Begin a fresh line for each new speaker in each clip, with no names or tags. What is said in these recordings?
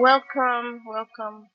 Welcome, welcome.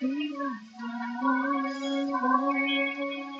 He knows what I'm doing.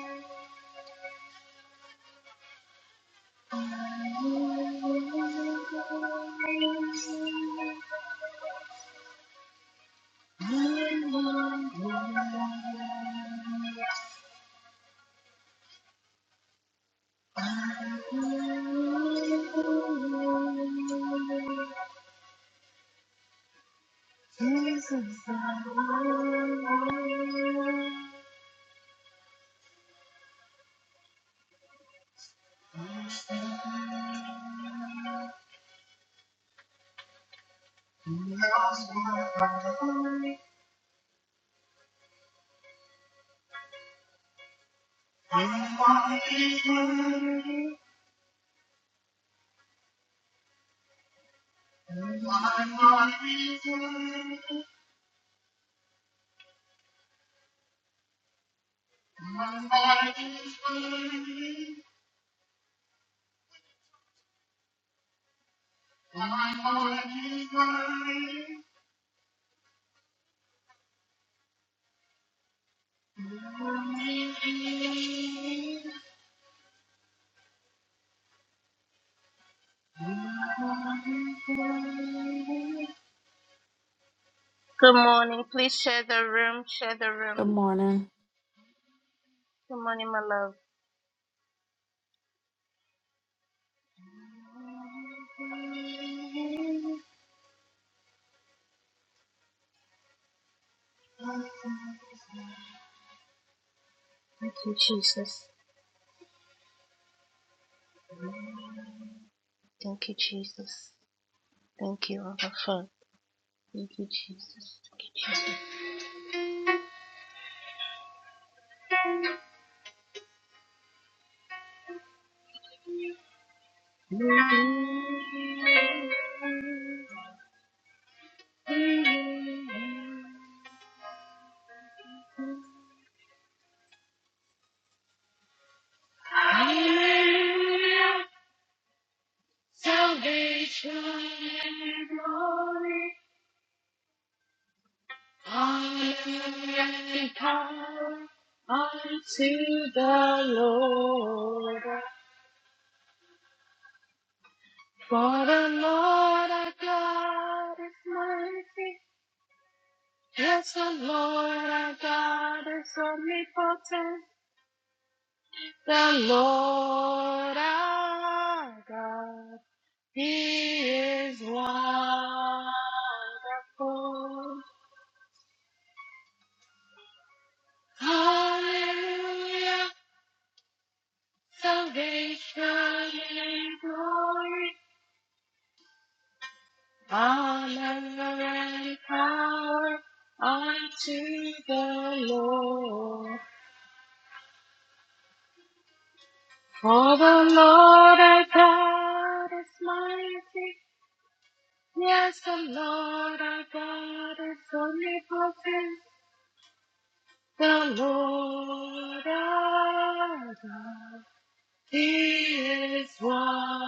He knows what I'm doing. Good morning. Please share the room. Share the
Good
room.
morning.
Good morning, my love. Thank you, Jesus. Thank you, Jesus. Thank you, Abba Father. Thank you, Jesus. Thank you, Jesus. Hallelujah, salvation and glory, honor and power unto the Lord. For the Lord our God is mighty. Yes, the Lord our God is omnipotent. The Lord our God. He is wonderful. Hallelujah. Salvation and glory, honor and power unto the Lord. For the Lord our God is mighty. Yes, the Lord our God is omnipotent. The Lord our God. He is wonderful.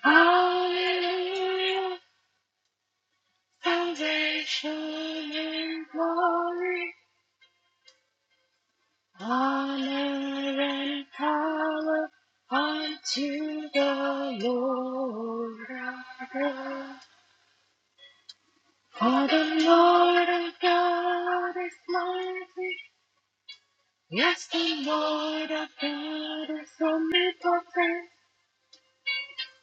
Hallelujah. Salvation and glory, honor and power unto the Lord our God. For the Lord our God is mighty. Yes, the Lord our God is omnipotent.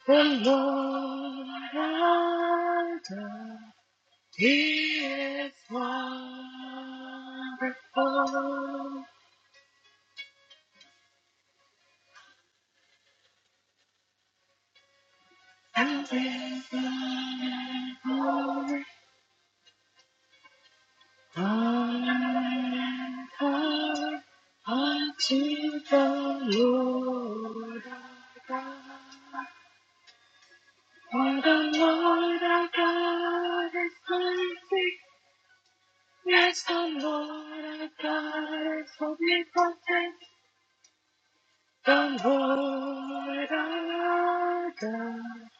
The Lord thy God, He is wonderful, and His glory uncovered unto the Lord our God. For the Lord our God is perfect, yes, the Lord our God is holy, perfect. The Lord our God,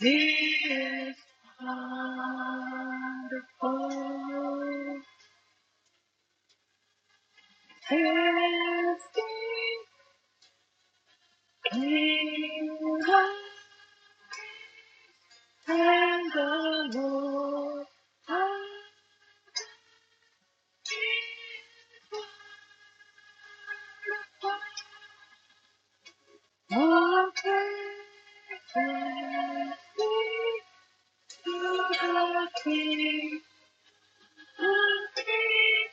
He is wonderful. His King and the Lord our God, more praises to the King. Hallelujah,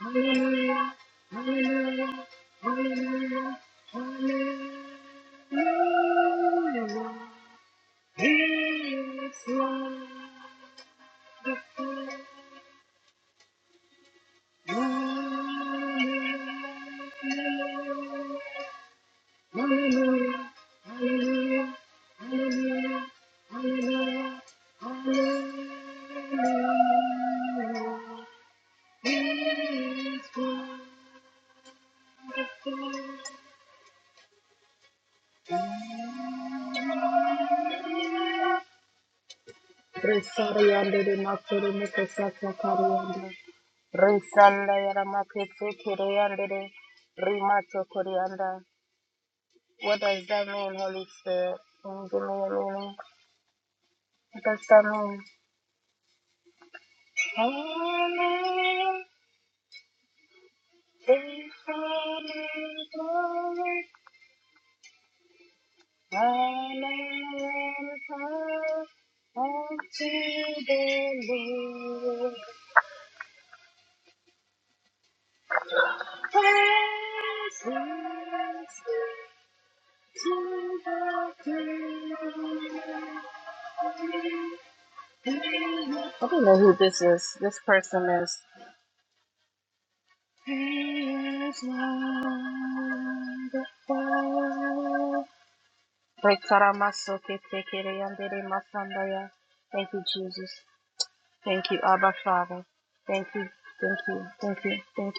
hallelujah, hallelujah, hallelujah, hallelujah. His love before Hallelujah, hallelujah, hallelujah, hallelujah, hallelujah. Praise God. Resariyande de masoro mukosaka kariyanda. Resanda yara makete kiriyande de rimato koriyanda. What does that mean, Holy Spirit? Mm, Give me a meaning. What does that mean? Hallelujah. They sounded glory, thine and power unto the Lord. Praises to the King. I don't know who this is. This person is. He is wonderful. masandaya Thank you, Jesus. Thank you, Abba Father. Thank you, thank you, thank you, thank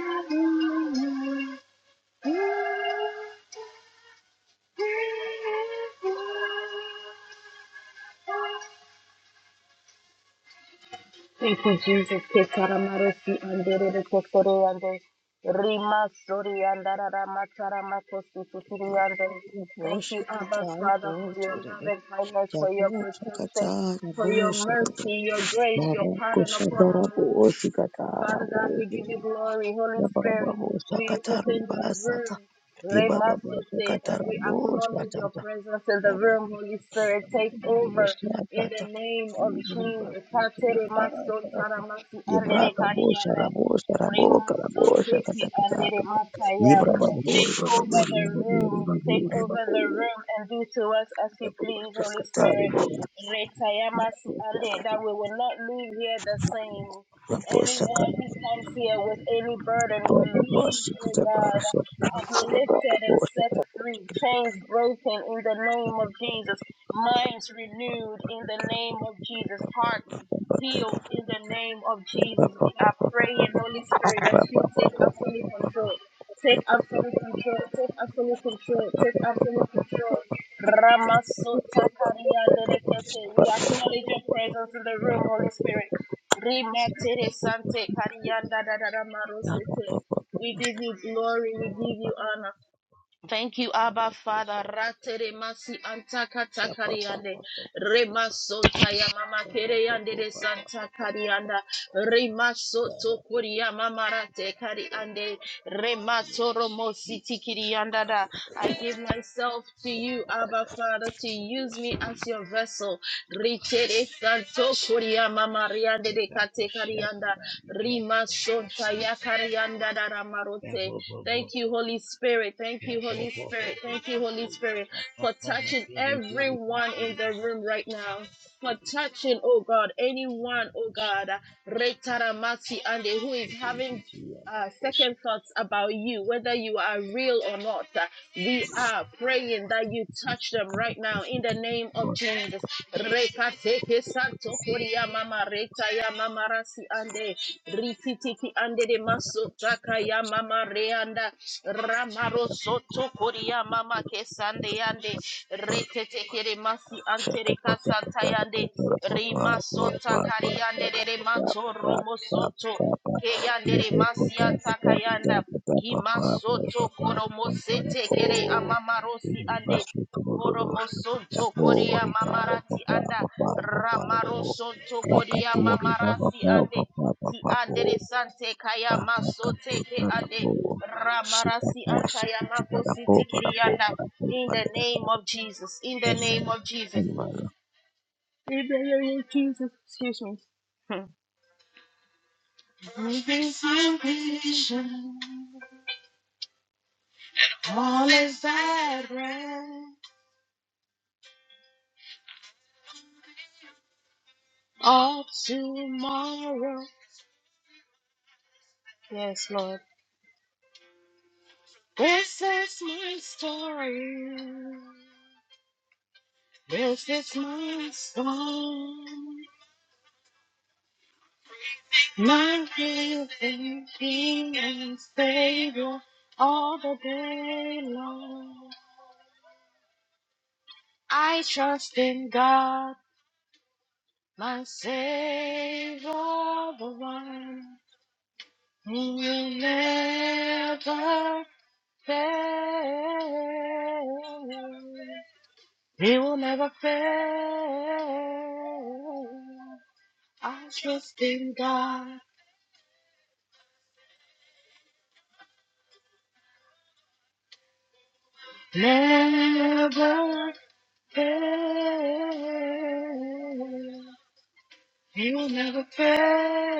you. Thank you, Jesus. Ke karamarosi andere de kokoro ande. Rima sori andara matara makosi tuturi ande. Thank you, Abba
Raboshakatai
Father, for your
Bojere,
love and kindness, for your protection,
Yaboshakatai
for your
Bojere,
mercy, your grace, your pardon upon
Marakushadara
our lives.
Boshikatara
Father God, we give
Bojere,
you glory. Holy Spirit, we
Yababoshakatari
open the
Basata,
room. Remasote, and
Ibabashakatara
we acknowledge your
Boshkatata,
presence in the room. Holy Spirit, take over in
Yababoshakata,
the name of Jesus. Katere maso
Ibabashakata,
taramasi andere
Ibraka Bosha
kariyanda.
Rabosha Raboka Rabosha
Remasote ki
Katakataka,
andere mataya.
Ibra Babur Babur
Take over the
Babur
room. Take over
Babur
the room and do to us as you
Babur
please, Holy Spirit.
Babur
Retayamasi ande.
Shaka
That we will not leave here the same. Anyone who comes here with any burden, relieve, oh God, uplifted and set free, chains broken in the name of Jesus, minds renewed in the name of Jesus, hearts healed in the name of Jesus. We are praying, Holy Spirit, that you take absolute control. Take absolute control. Take absolute control. Take absolute control. Ramasota Kariande Rekete. We acknowledge your presence in the room, Holy Spirit. Rimetere Sante Karianda Dadada Marosete. We give you glory, we give you honor. Thank you, Abba Father. Rate masi antaka takariande. Remasonta ya mama kereyande de santa karianda. Remasoto kuria mama rate kariande. Rematoro mositi kirianda da. I give myself to you, Abba Father, to use me as your vessel.
Thank
Ritere santo kuria mama riande de kate karianda. Rimasonta ya karianda da ramarote. Thank you, Holy Spirit. Thank you, Holy Spirit. Thank you, Holy Spirit, for touching everyone in the room right now. For touching, oh God, anyone, oh God, Retaramasi and who is having uh, second thoughts about you, whether you are real or not. Uh, we are praying that you touch them right now in the name of Jesus. Rekateke santo koria mama reta ya mama rasi ande rikitiki ande de maso ya
you.
mama reanda ramaro soto koria mama kesande yande reteteke de masi ante
Shikata,
reka santa yande rimasonta kariande de de mato romosonto Keyandere masianta kayanda kimasoto koromosete kere amamarosi ande koromosonto koria mamarati anda ramarosonto koria mamarasi ande ti andere sante kaya masote ke ande ramarasi anta ya
shikiti, barapo,
makositi
barapo,
kirianda
barapo,
in the
pandekata.
name of Jesus in the name
Amen.
of Jesus in the name of Jesus excuse me With this ambition. All is at rest. All tomorrow. Yes, Lord. This is my story. This is my song. My living King and Savior all the day long. I trust in God, my Savior, the one who will never fail. He will never fail. I trust in God, never fail. He will never fail.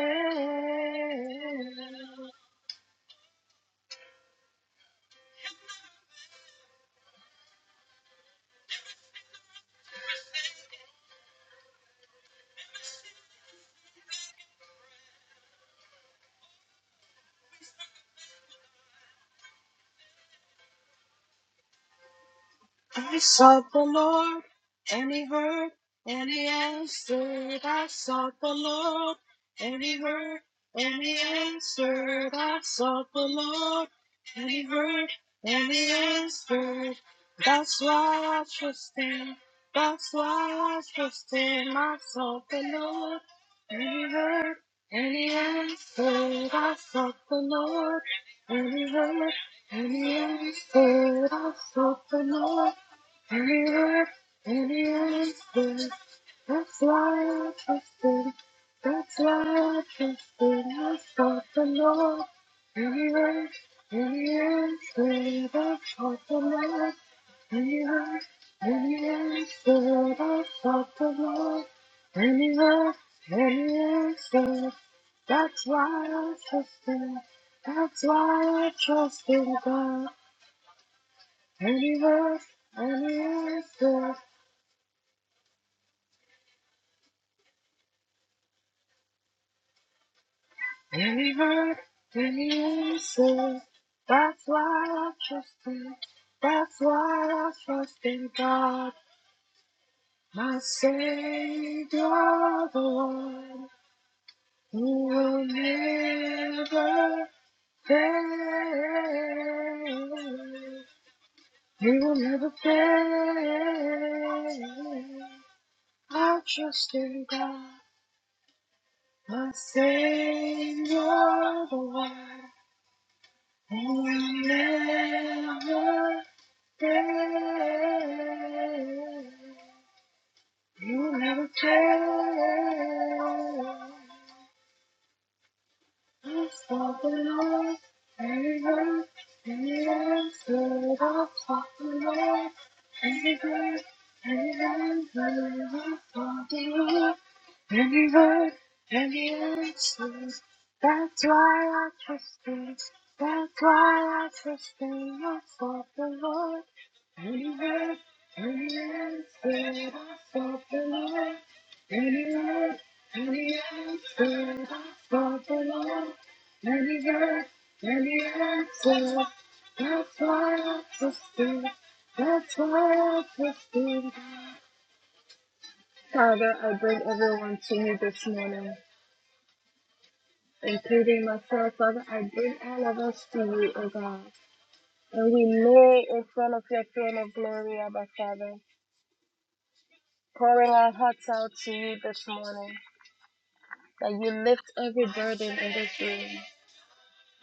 I sought the Lord, and he heard, and he answered. I sought the Lord, and he heard, and he answered. I sought the Lord, and he heard, and he answered. That's why I trust him. That's why I trust him. I sought the Lord, and he heard, and he answered. I sought the Lord, and he heard, and he answered. I sought the Lord. Anywhere, anywhere is good. That's why I trusted. That's why I trusted. I sought the Lord. Anywhere, anywhere is good. I sought the Lord. Anywhere, anywhere is good. I sought the Lord. Anywhere, anywhere is good. That's why I trusted. That's why I trust in God. Anywhere, anywhere is good. Any hurt, any answer. That's why I trust Him. That's why I trust in God, my Savior, the one who will never fail. He will never fail. I trust in God, my Savior, the one. And we never fail. You never fail. Yes, for the Lord, the earth, the earth, the love of the Lord, and the earth, and the earth, the love of the Lord, and the earth, and the answers. That's why I trust Him. That's why I trust Him. Yes, for the Lord, the earth, and the earth, the love of the Lord. and he heard, and the earth stood up for the Lord, and the earth, and the earth said, That's why I trusted, that's why I trusted. Father, I bring everyone to you this morning, including myself, Father. I bring all of us to you, O God. You this morning, that you lift every burden in this room,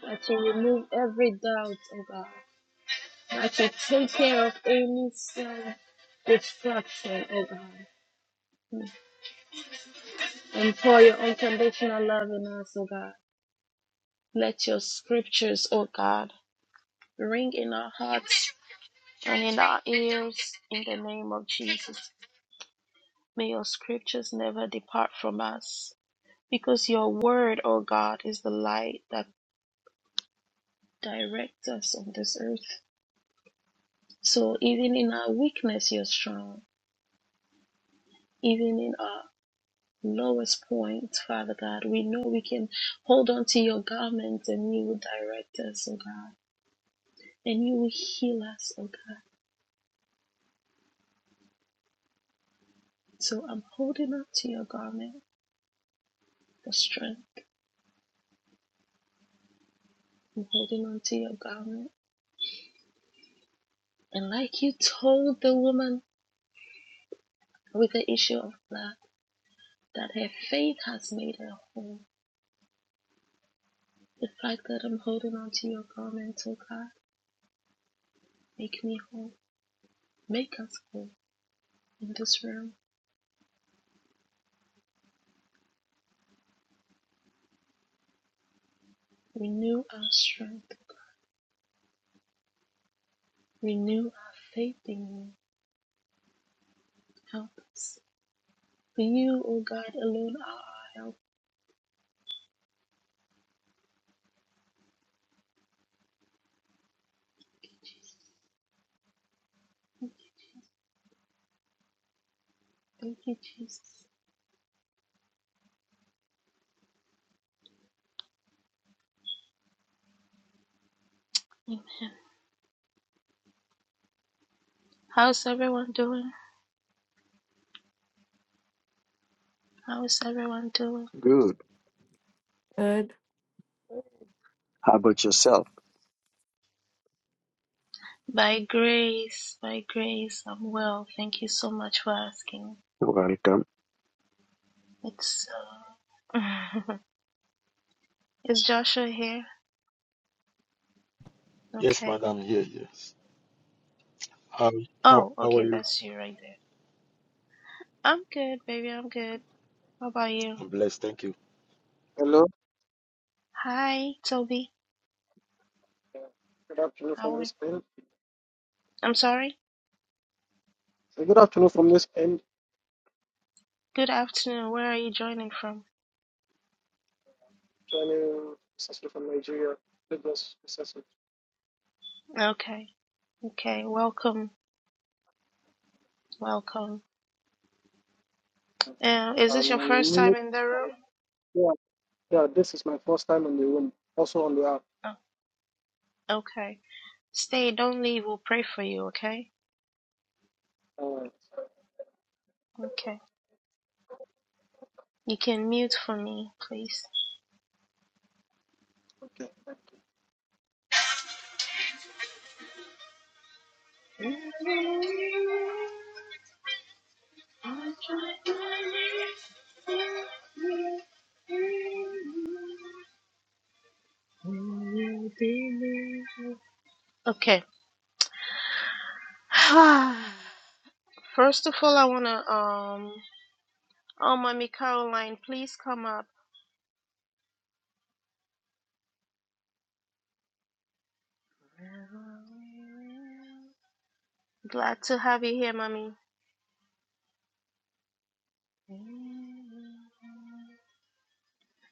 that you remove every doubt, O God, that you take care of any sin distraction, O God. and pour your unconditional love in us, O God. Let your scriptures, O God, ring in our hearts and in our ears in the name of Jesus. May your scriptures never depart from us because your word, O God, is the light that directs us on this earth. So even in our weakness, you're strong. Even in our lowest point, Father God, we know we can hold on to your garment and you will direct us, O God, and you will heal us, O God. So I'm holding on to your garment for strength. I'm holding on to your garment. And like you told the woman with the issue of blood that her faith made her whole, the fact that I'm holding on to your garment, oh God, make me whole. Make us whole now. Renew our strength. Renew our faith in you. Help us. Be, oh God, our help. Thank you, Jesus. How's everyone doing? How's everyone doing?
Good.
Good.
How about yourself?
By grace, by grace, I'm well. Thank you so much for asking.
Welcome.
It's uh, is Joshua here?
Yes,
Okay.
madam. Here, yes. How how
Oh,
how are
okay,
you?
that's you right there. I'm good, baby. I'm good. How about you?
I'm blessed, thank you.
Hello.
Hi, Toby.
Good afternoon
How
from
are you?
this end.
I'm sorry.
Uh, Good afternoon from this end.
Good afternoon. Where are you joining from?
Joining sister from Nigeria. Lagos, sister.
Okay. Okay. Welcome. Welcome. Uh, is this your first
Um,
time in the room?
yeah, yeah, this is my first time on the room, also on the app.
Oh, okay. Stay. Don't leave. We'll pray for you. Okay.
Alright,
Okay. You can mute for me, please.
okay.
Okay. First of all, I wanna um. Oh, mommy Caroline, please come up. Glad to have you here, mommy.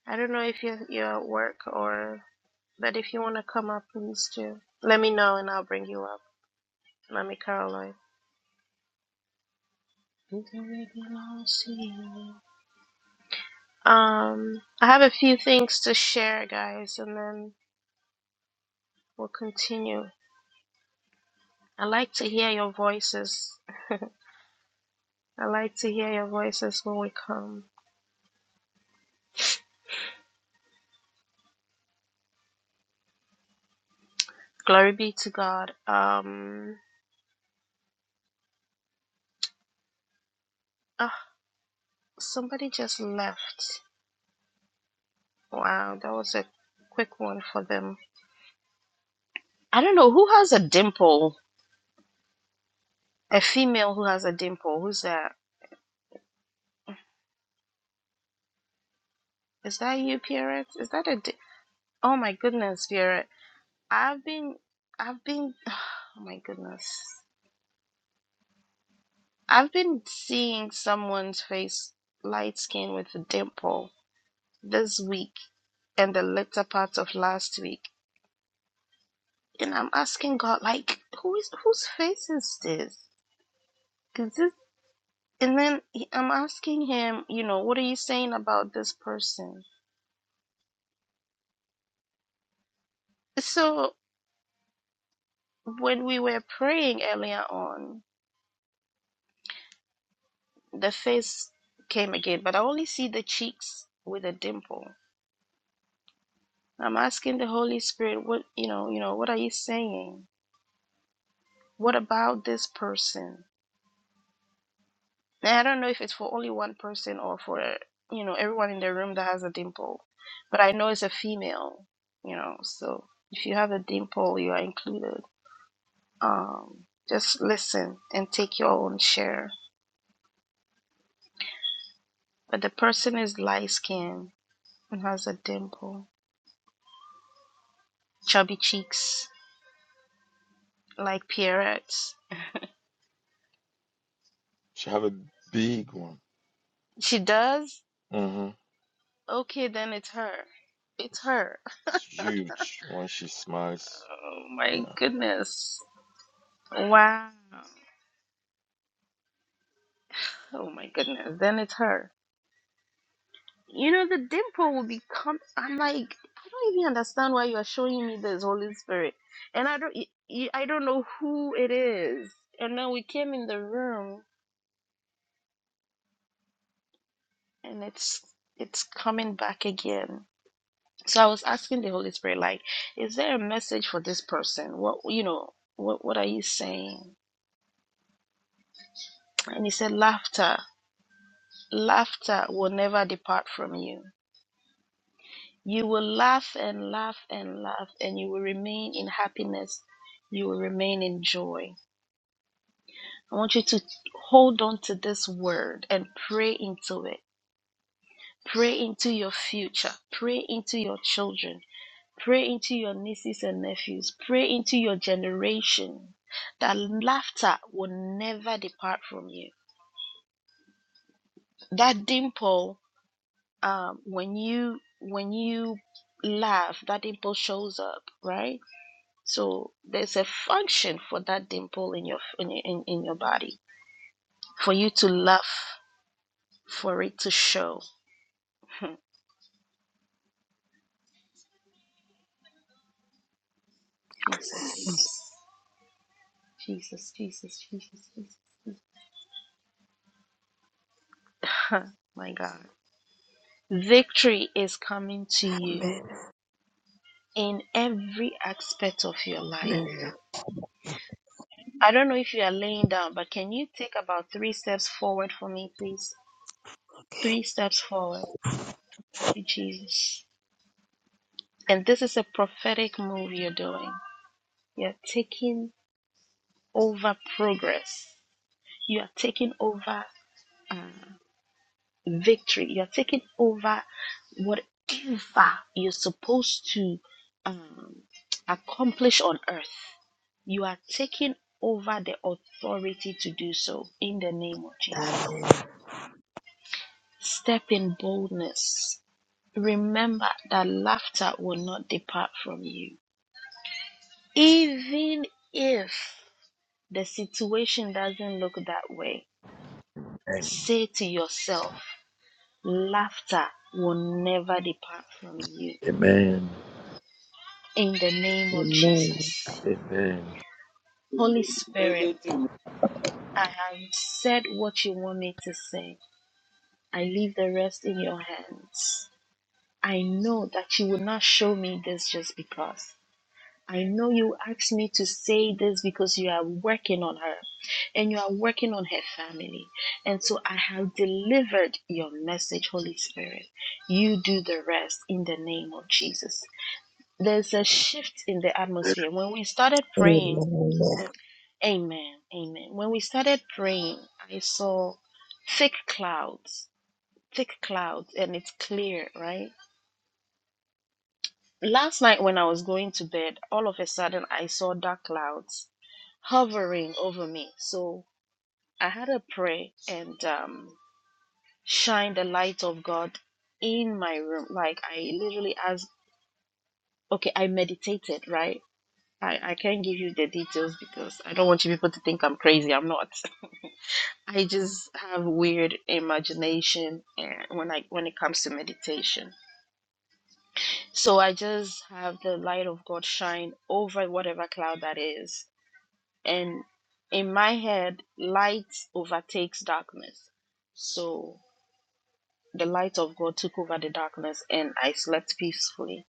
I don't know if you're you're at work or, but if you wanna come up, please do. Let me know and I'll bring you up, mommy Caroline. It already belongs to you. Um, I have a few things to share, guys, and then we'll continue. I like to hear your voices. I like to hear your voices when we come. Glory be to God. Um, ah, somebody just left. Wow, that was a quick one for them. I don't know who has a dimple. A female who has a dimple. Who's that? Is that you, Pierrette? Is that a? Di- oh my goodness, Pierrette. I've been, I've been. Oh my goodness. I've been seeing someone's face light skin with a dimple this week and the latter part of last week. And I'm asking God, like, who is whose face is this? Is this and then I'm asking him, you know, what are you saying about this person? So when we were praying earlier on, the face came again, but I only see the cheeks with a dimple. I'm asking the Holy Spirit, what you know, you know, what are you saying? what about this person? Now, I don't know if it's for only one person or for, you know, everyone in the room that has a dimple, but I know it's a female, you know, so if you have a dimple, you are included. Um, just listen and take your own share. But the person is light skinned and has a dimple, chubby cheeks, like Pierrette's.
She have a big one.
She does?
Mm-hmm.
Okay, then it's her. It's
It's,
her.
it's huge when she smiles.
Oh my
Yeah.
goodness. Wow. Oh my goodness, then it's her. You know, the dimple will become. I'm like, I don't even understand why you are showing me this Holy Spirit, and I don't, y- y- I don't know who it is. And then we came in the room, and it's it's coming back again. So I was asking the Holy Spirit, like, is there a message for this person? What you know, what what are you saying? And he said, laughter, laughter will never depart from you. You will laugh and laugh and laugh, and you will remain in happiness. You will remain in joy. I want you to hold on to this word and pray into it. Pray into your future. Pray into your children. Pray into your nieces and nephews. Pray into your generation. That laughter will never depart from you. That dimple, um, when you when you laugh, that dimple shows up, right? So there's a function for that dimple in your in, in, in your body for you to laugh, for it to show. Jesus, Jesus, Jesus, Jesus, Jesus. My God, victory is coming to you
Amen.
in every aspect of your life.
Amen. Amen.
I don't know if you are laying down, but can you take about three steps forward for me, please? Three steps forward. Thank you, Jesus. And this is a prophetic move you're doing. You're taking over progress. You are taking over uh, victory. You are taking over whatever you're supposed to um, accomplish on earth. You are taking over the authority to do so in the name of Jesus. Step in boldness. Remember that laughter will not depart from you. Even if the situation doesn't look that way,
Amen.
say to yourself, Laughter will never depart from you.
Amen.
In the name of
Amen.
Jesus.
Amen.
Holy Spirit,
Thank you.
I have said what you want me to say. I leave the rest in your hands. I know that you will not show me this just because. I know you asked me to say this because you are working on her and you are working on her family. And so I have delivered your message, Holy Spirit. You do the rest in the name of Jesus. there's a shift in the atmosphere. When we started
Amen.
praying,
Amen.
amen, amen. When we started praying, I saw thick clouds, thick clouds, and it's clear, right? Last night when I was going to bed, all of a sudden I saw dark clouds hovering over me. So I had to pray and um, shine the light of God in my room. Like I literally asked, okay, I meditated, right? I, I can't give you the details because I don't want you people to think I'm crazy. I'm not. I just have weird imagination and when I when it comes to meditation. So I just have the light of God shine over whatever cloud that is. And in my head, light overtakes darkness. So the light of God took over the darkness and I slept peacefully.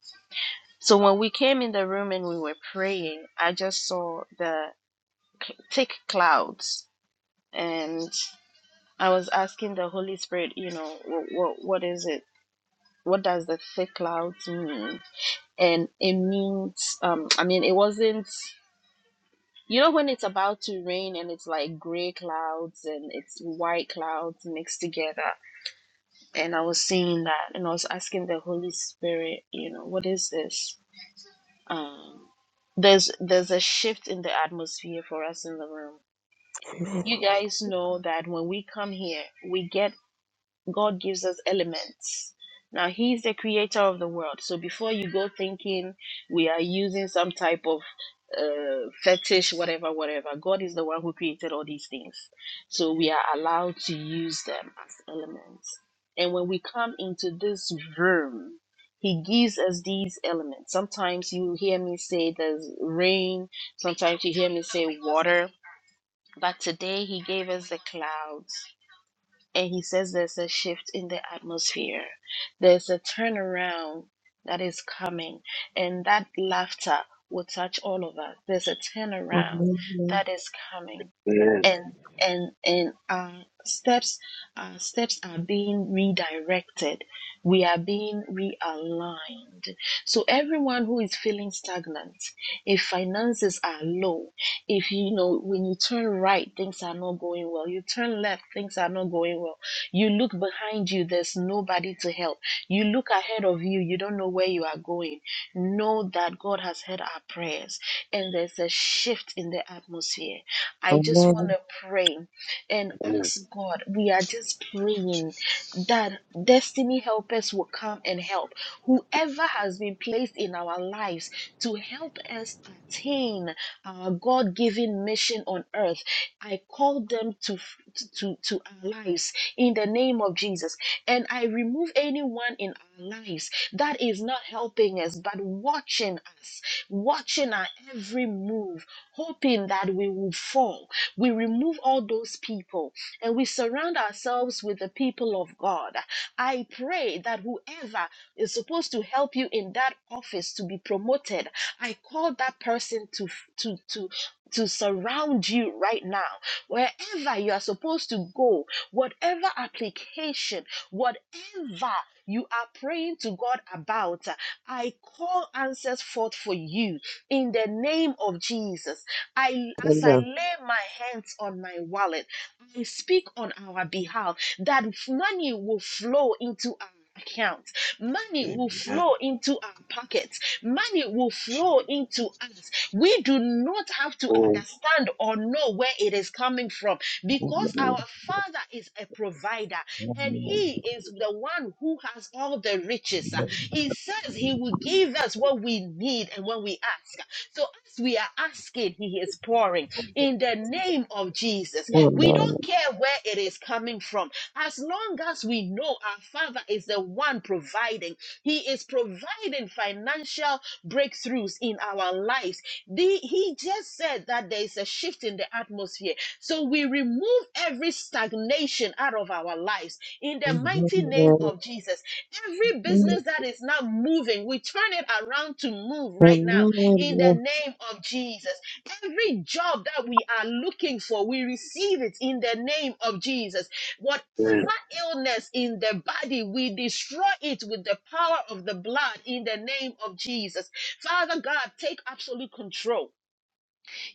So when we came in the room and we were praying, I just saw the cl- thick clouds and I was asking the Holy Spirit, you know, what what, what is it? What does the thick clouds mean? And it means, um, I mean, it wasn't. You know when it's about to rain and it's like gray clouds and it's white clouds mixed together, and I was seeing that, and I was asking the Holy Spirit, you know, what is this? Um, there's there's a shift in the atmosphere for us in the room. You guys know that when we come here, we get God gives us elements. Now, He's the creator of the world. So before you go thinking we are using some type of uh, fetish, whatever, whatever, God is the one who created all these things. So we are allowed to use them as elements. And when we come into this room, he gives us these elements. Sometimes you hear me say there's rain, sometimes you hear me say water, but today he gave us the clouds and he says there's a shift in the atmosphere. There's a turnaround that is coming, and that laughter will touch all of us. There's a turnaround
Amen.
that is coming
Amen.
and and and uh, steps uh, steps are being redirected we are being realigned so everyone who is feeling stagnant if finances are low if you know when you turn right things are not going well you turn left things are not going well you look behind you there's nobody to help you look ahead of you you don't know where you are going know that god has heard our prayers and there's a shift in the atmosphere
Amen.
I just want to pray and
Amen.
ask God. We are just
Thank you,
praying
Jesus.
that destiny helpers will come and help. Whoever has been placed in our lives to help us attain our God given mission on earth, I call them to, to, to our lives in the name of Jesus. And I remove anyone in our lives that is not helping us, but watching us, watching our every move hoping that we will fall. We remove all those people and we surround ourselves with the people of God. I pray that whoever is supposed to help you in that office to be promoted, I call that person to to to to surround you right now. Wherever you are supposed to go, whatever application, whatever you are praying to God about, I call answers forth for you in the name of Jesus. I as I
Amen.
lay my hands on my wallet, I speak on our behalf that money will flow into our account. Money will
Amen.
flow into our pockets. Money will flow
She,
into us. We do not have to
Oh,
understand or know where it is coming from because our Father is a provider and He is the one who has all the riches riches. He says he will give us what we need and when we ask. So as we are asking, he is pouring in the name of Jesus. We don't care where it is coming from. As long as we know our Father is the one providing, he is providing financial breakthroughs in our lives. The- he just said that there is a shift in the atmosphere. So we remove every stagnation out of our lives in the
Amen.
mighty name
Amen.
of Jesus. Every business that is not moving, we turn it around to move right now in the name of Jesus. Every job that we are looking for, we receive it in the name of Jesus. Whatever
amen.
illness in the body, we destroy it with the power of the blood in the name of Jesus. Father God, take absolute control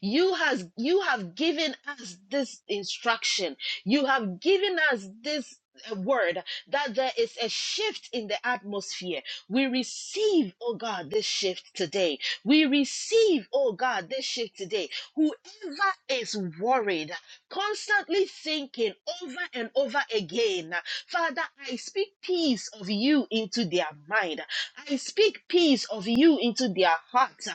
you has you have given us this instruction you have given us this uh, word that there is a shift in the atmosphere we receive oh god this shift today we receive oh god this shift today whoever is worried constantly thinking over and over again father i speak peace of you into their mind i speak peace of you into their heart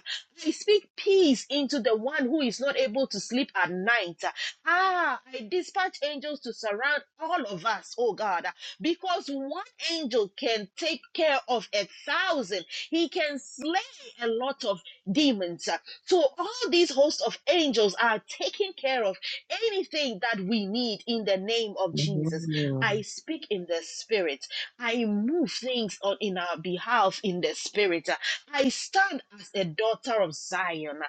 I speak peace into the one who is not able to sleep at night. Ah, I dispatch angels to surround all of us, oh God, because one angel can take care of a thousand. He can slay a lot of demons. So all these hosts of angels are taking care of anything that we need in the name of Jesus. I speak in the spirit. I move things on in our behalf in the spirit. I stand as a daughter of Zion.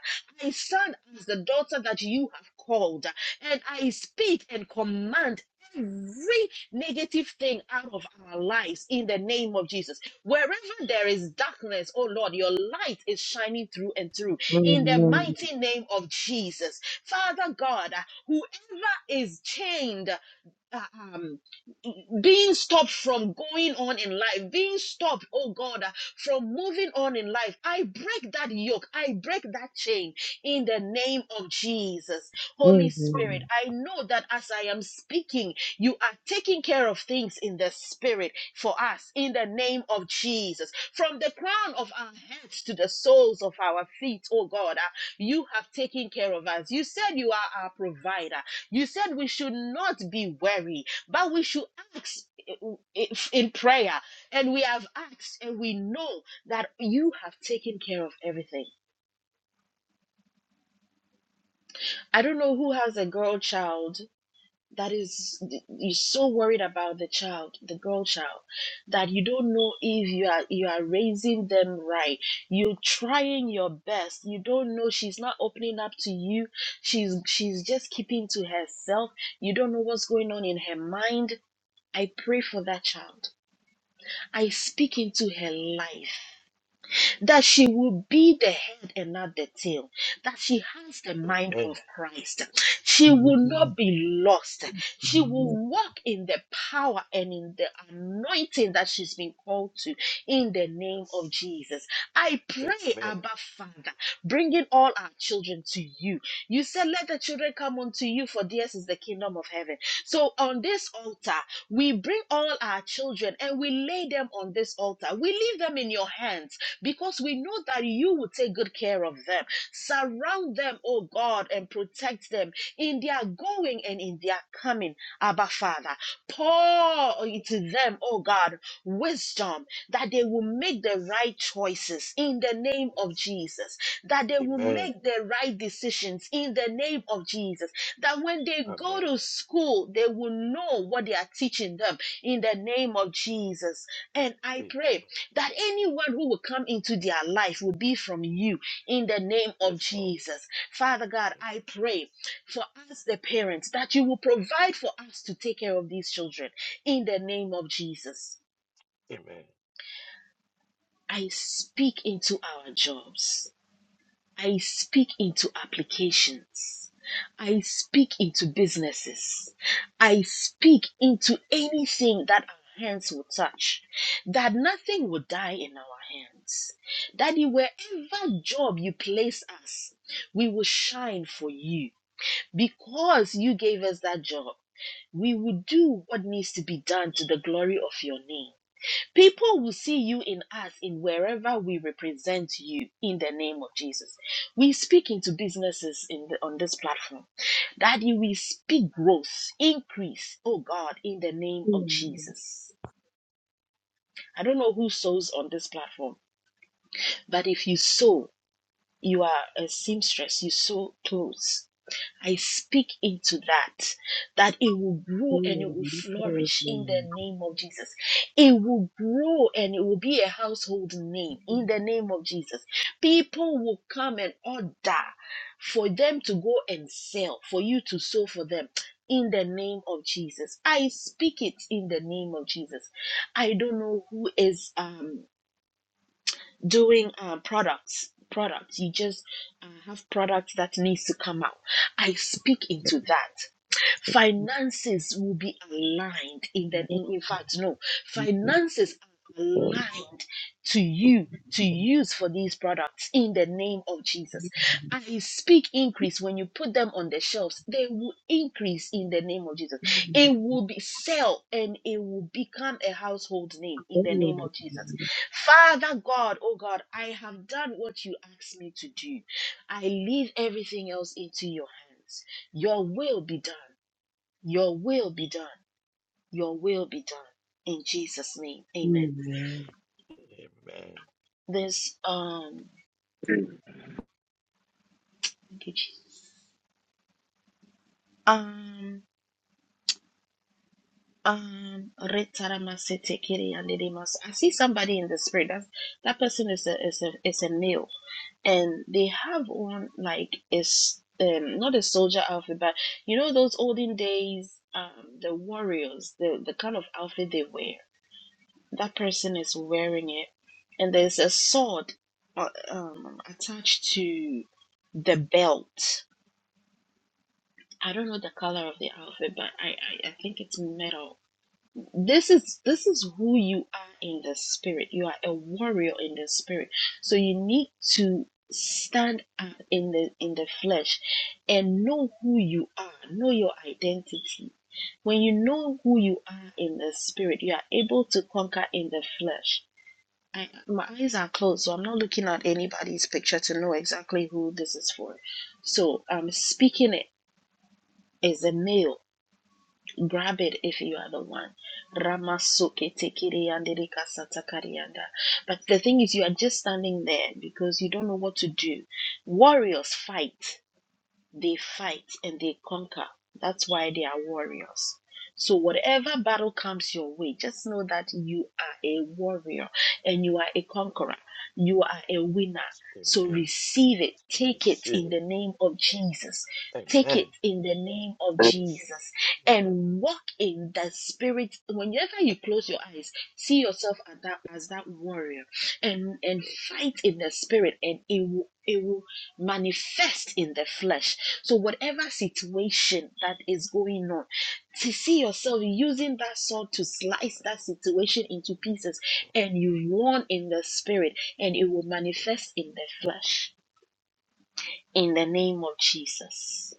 I stand as the daughter that you have called. And I speak and command every negative thing out of our lives in the name of Jesus. Wherever there is darkness, oh Lord, your light is shining through and through in the
Amen.
mighty name of Jesus. Father God, whoever is chained uh, um, being stopped from going on in life, being stopped, oh God, uh, from moving on in life. I break that yoke, I break that chain in the name of Jesus. Holy Spirit, I know that as I am speaking, you are taking care of things in the spirit for us in the name of Jesus. From the crown of our heads to the soles of our feet, oh God, uh, you have taken care of us. You said you are our provider. You said we should not be weary. But we should ask if- in prayer. And we have asked, and we know that you have taken care of everything. I don't know who has a girl child that is you're so worried about the child, the girl child, that you don't know if you are you are raising them right. You're trying your best. You don't know she's not opening up to you. She's she's just keeping to herself. You don't know what's going on in her mind. I pray for that child. I speak into her life that she will be the head and not the tail, that she has the mind
amen.
of Christ. She will not be lost. She will walk in the power and in the anointing that she's been called to in the name
Yes.
of Jesus. I pray,
Amen.
Abba Father, bringing all our children to you. You said, Let the children come unto you, for theirs is the kingdom of heaven. So on this altar, we bring all our children and we lay them on this altar. We leave them in your hands because we know that you will take good care of them. Surround them, oh God, and protect them in their going and in their coming, Abba Father. Pour into them, oh God, wisdom that they will make the
Yes.
right choices in the name of
Yes.
Jesus, that they will
Amen.
make the right decisions nations in the name of Jesus. That when they go
Amen.
to school, they will know what they are teaching them in the name
Mm.
of Jesus. And I
Amen.
pray that anyone who will come into their life will be from you in the name of
Yes, Lord.
Jesus. Father God,
Thank
I
you, Jesus.
pray for us, the parents, that you will provide for us to take care of these children in the name of Jesus.
Amen.
I speak into our jobs. I speak into applications. I speak into businesses. I speak into anything that our hands will touch, that nothing will die in our hands. Daddy, wherever job you place us, we will shine for you. Because you gave us that job, we will do what needs to be done to the glory of your name. People will see you in us in wherever we represent you in the name of Jesus. We speak into businesses in the, on this platform. Daddy, we speak growth, increase, oh God, in the name of Jesus. I don't know who sews on this platform, but if you sew, you are a seamstress, you sew clothes. I speak into that, that it will grow and it will flourish in the name of Jesus. It will grow and it will be a household name in the name of Jesus. People will come and order for them to go and sell, for you to sow for them. In the name of Jesus. I speak it in the name of Jesus. I don't know who is um doing um, products products you just uh, have products that needs to come out i speak into that Finances will be aligned in the in, in fact, no, finances are aligned to you to use for these products in the name of Jesus. I speak increase when you put them on the shelves, they will increase in the name of Jesus. It will be sell and it will become a household name in the name of Jesus. Father God, oh God, I have done what you asked me to do. I leave everything else into your hands. Your will be done. Your will be done. Your will be done. In Jesus' name. Amen.
Amen.
This um
Amen.
thank you, Jesus. um um Retaramasetekiri Andedimas. I see somebody in the spirit. That's that person is a is a is a male. And they have on like is um not a soldier outfit, but you know those olden days um the warriors, the the kind of outfit they wear that person is wearing it, and there's a sword uh, um, attached to the belt. I don't know the color of the outfit, but I, I, I think it's metal. This is this is who you are in the spirit. You are a warrior in the spirit. So you need to stand up in the in the flesh and know who you are, know your identity. When you know who you are in the spirit, you are able to conquer in the flesh I, my eyes are closed, so I'm not looking at anybody's picture to know exactly who this is for. So I'm speaking it is a male. Grab it if you are the one. But the thing is, you are just standing there because you don't know what to do. Warriors fight they fight and they conquer. That's why they are warriors. So, whatever battle comes your way, just know that you are a warrior and you are a conqueror. You are a winner. So,
Amen.
receive it.
I
Take it
receive
in
it.
the name of Jesus. Take it
Amen.
in the name of
Yes.
Jesus
Amen.
and walk in the spirit. Whenever you close your eyes, see yourself as that, as that warrior and, and
Yes.
fight in the spirit, and it will, it will manifest in the flesh. So, whatever situation that is going on, to see yourself using that sword to slice that situation into pieces, and you warn in the spirit, and it will manifest in the flesh. In the name of Jesus.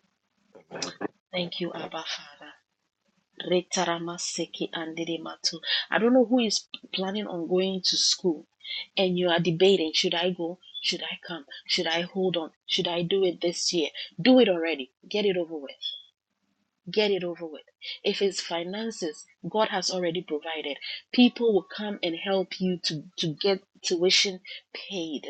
Amen. Amen.
Thank you, Abba Father. Retaramaseki Matu. I don't know who is planning on going to school and you are debating should I go? Should I come? Should I hold on? Should I do it this year? Do it already. Get it over with. Get it over with. If it's finances, God has already provided. People will come and help you to, to get tuition paid.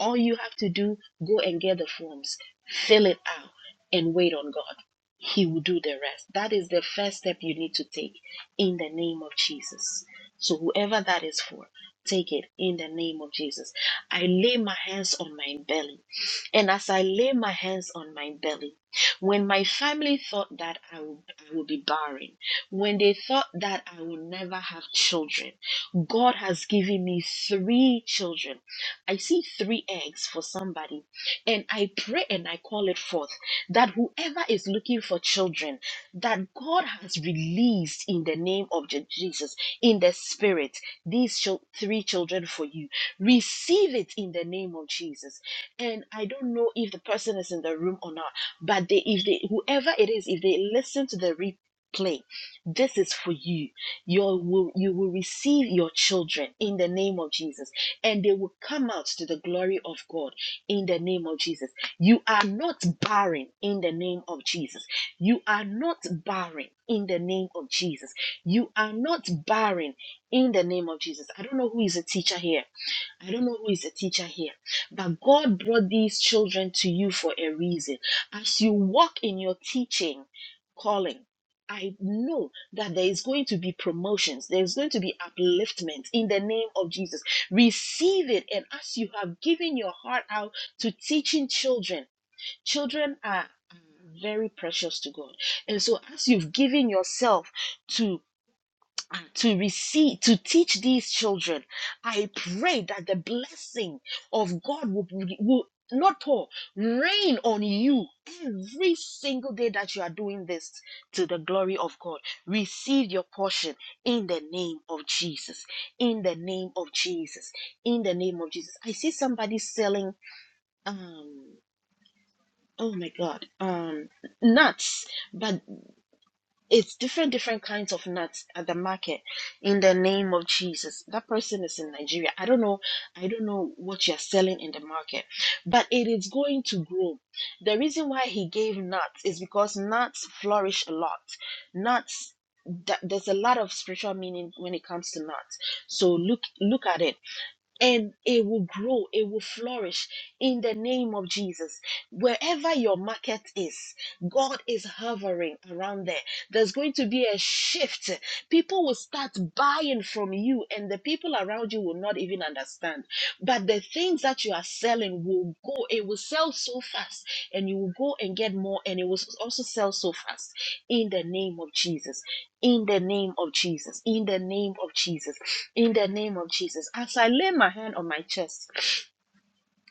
All you have to do, go and get the forms, fill it out, and wait on God. He will do the rest. That is the first step you need to take in the name of Jesus. So, whoever that is for, take it in the name of Jesus. I lay my hands on my belly. And as I lay my hands on my belly, when my family thought that I would, I would be barren, when they thought that I would never have children, God has given me three children. I see three eggs for somebody, and I pray and I call it forth that whoever is looking for children, that God has released in the name of Je- Jesus, in the spirit, these chil- three children for you. Receive it in the name of Jesus. And I don't know if the person is in the room or not. But they, if they, whoever it is, if they listen to the replay, this is for you. You will, you will receive your children in the name of Jesus, and they will come out to the glory of God in the name of Jesus. You are not barren in the name of Jesus. You are not barren in the name of Jesus. You are not barren in the name of Jesus. I don't know who is a teacher here. I don't know who is a teacher here, but God brought these children to you for a reason as you walk in your teaching calling, I know that there is going to be promotions, there is going to be upliftment in the name of Jesus. Receive it. And as you have given your heart out to teaching children, children are very precious to God. And so as you've given yourself to to receive to teach these children i pray that the blessing of god will, will not all rain on you every single day that you are doing this to the glory of god receive your portion in the name of jesus in the name of jesus in the name of jesus i see somebody selling um oh my god um nuts but it's different different kinds of nuts at the market in the name of jesus that person is in nigeria i don't know i don't know what you're selling in the market but it is going to grow the reason why he gave nuts is because nuts flourish a lot nuts th- there's a lot of spiritual meaning when it comes to nuts so look look at it and it will grow, it will flourish in the name of Jesus. Wherever your market is, God is hovering around there. There's going to be a shift. People will start buying from you, and the people around you will not even understand. But the things that you are selling will go, it will sell so fast, and you will go and get more, and it will also sell so fast in the name of Jesus in the name of Jesus, in the name of Jesus, in the name of Jesus. As I lay my hand on my chest,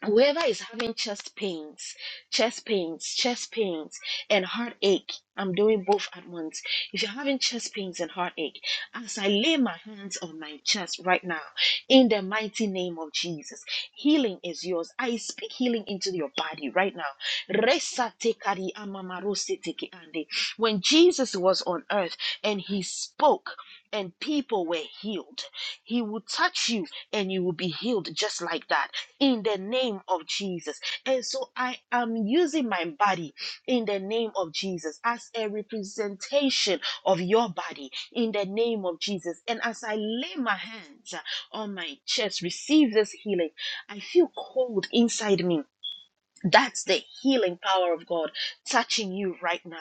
whoever is having chest pains, chest pains, chest pains, and heartache, I'm doing both at once. If you're having chest pains and heartache, as I lay my hands on my chest right now, in the mighty name of Jesus, healing is yours. I speak healing into your body right now. Resa tekari amamarose teki ande. When Jesus was on earth and he spoke, and people were healed. He will touch you and you will be healed just like that in the name of Jesus. And so I am using my body in the name of Jesus as a representation of your body in the name of Jesus. And as I lay my hands on my chest, receive this healing, I feel cold inside me that's the healing power of God touching you right now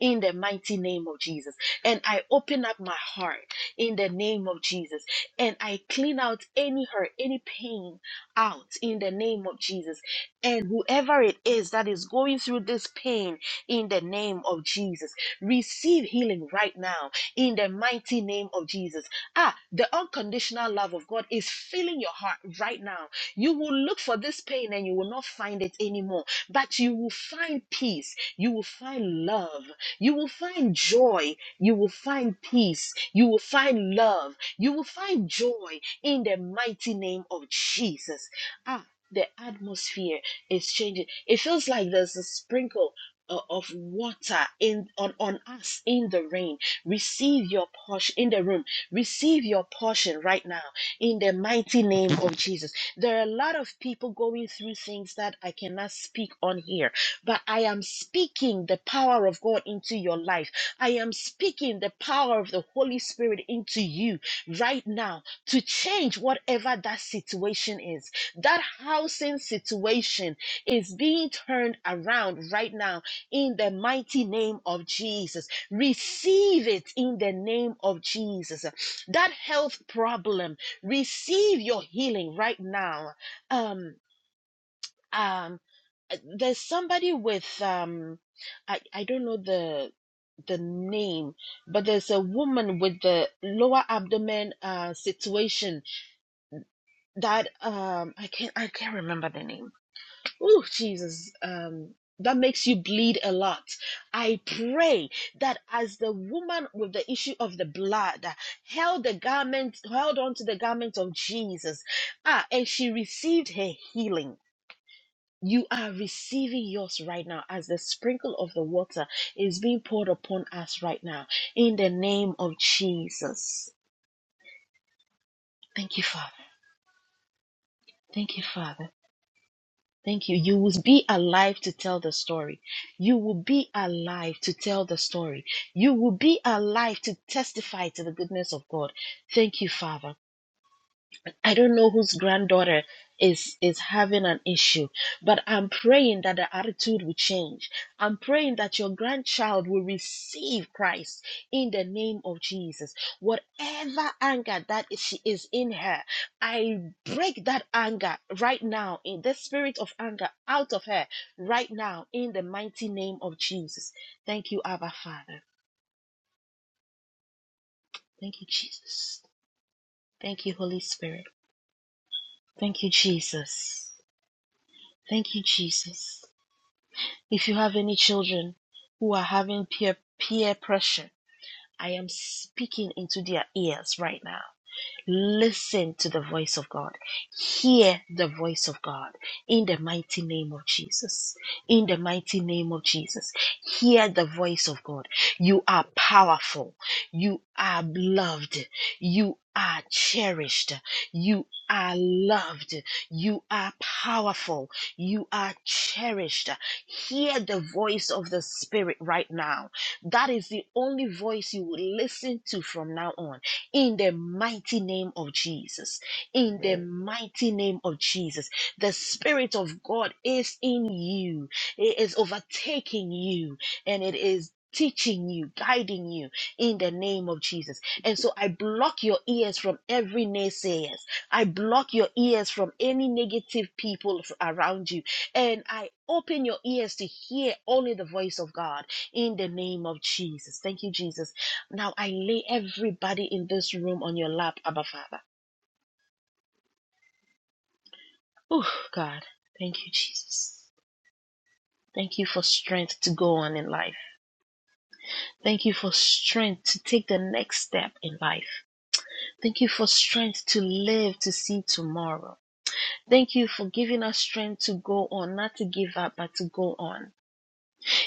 in the mighty name of Jesus. And I open up my heart in the name of Jesus and I clean out any hurt, any pain out in the name of Jesus. And whoever it is that is going through this pain in the name of Jesus, receive healing right now in the mighty name of Jesus. Ah, the unconditional love of God is filling your heart right now you will look for this pain and you will not find it anymore, but you will find peace. You will find love. You will find joy. You will find peace. You will find love. You will find joy in the mighty name of Jesus. Ah, the atmosphere is changing. It feels like there's a sprinkle uh, of water in on, on us in the rain receive your portion in the room receive your portion right now in the mighty name of jesus there are a lot of people going through things that I cannot speak on here, but I am speaking the power of God into your life. I am speaking the power of the Holy Spirit into you right now to change whatever that situation is. That housing situation is being turned around right now in the mighty name of Jesus. Receive it in the name of Jesus. That health problem receive your healing right now um um uh, there's somebody with um i i don't know the the name but there's a woman with the lower abdomen uh situation that um i can't i can't remember the name Oh, Jesus. Um, that makes you bleed a lot. I pray that as the woman with the issue of the blood held the garment, held on to the garment of Jesus, ah, and she received her healing. You are receiving yours right now as the sprinkle of the water is being poured upon us right now in the name of Jesus. Thank you, Father. Thank you, Father. Thank you. You will be alive to tell the story. You will be alive to tell the story. You will be alive to testify to the goodness of God. Thank you, Father. I don't know whose granddaughter is is having an issue, but I'm praying that the attitude will change. I'm praying that your grandchild will receive Christ in the name of Jesus. Whatever anger that is- she is in her, I break that anger right now in the spirit of anger out of her right now in the mighty name of Jesus. Thank you, Abba Father. Thank you, Jesus. Thank you, Holy Spirit. Thank you, Jesus. Thank you, Jesus. If you have any children who are having peer peer pressure, I am speaking into their ears right now. Listen to the voice of God. Hear the voice of God in the mighty name of Jesus. In the mighty name of Jesus. Hear the voice of God. You are powerful. You are loved. You are cherished. You are loved. You are powerful. You are cherished. Hear the voice of the Spirit right now. That is the only voice you will listen to from now on in the mighty name of Jesus. In the
Amen.
mighty name of Jesus, the Spirit of God is in you, it is overtaking you, and it is teaching you, guiding you in the name of Jesus. And so I block your ears from every naysayers. I block your ears from any negative people f- around you. And I open your ears to hear only the voice of God in the name of Jesus. Thank you, Jesus. Now I lay everybody in this room on your lap, Abba Father. Oh, God. Thank you, Jesus. Thank you for strength to go on in life. Thank you for strength to take the next step in life. Thank you for strength to live to see tomorrow. Thank you for giving us strength to go on, not to give up, but to go on.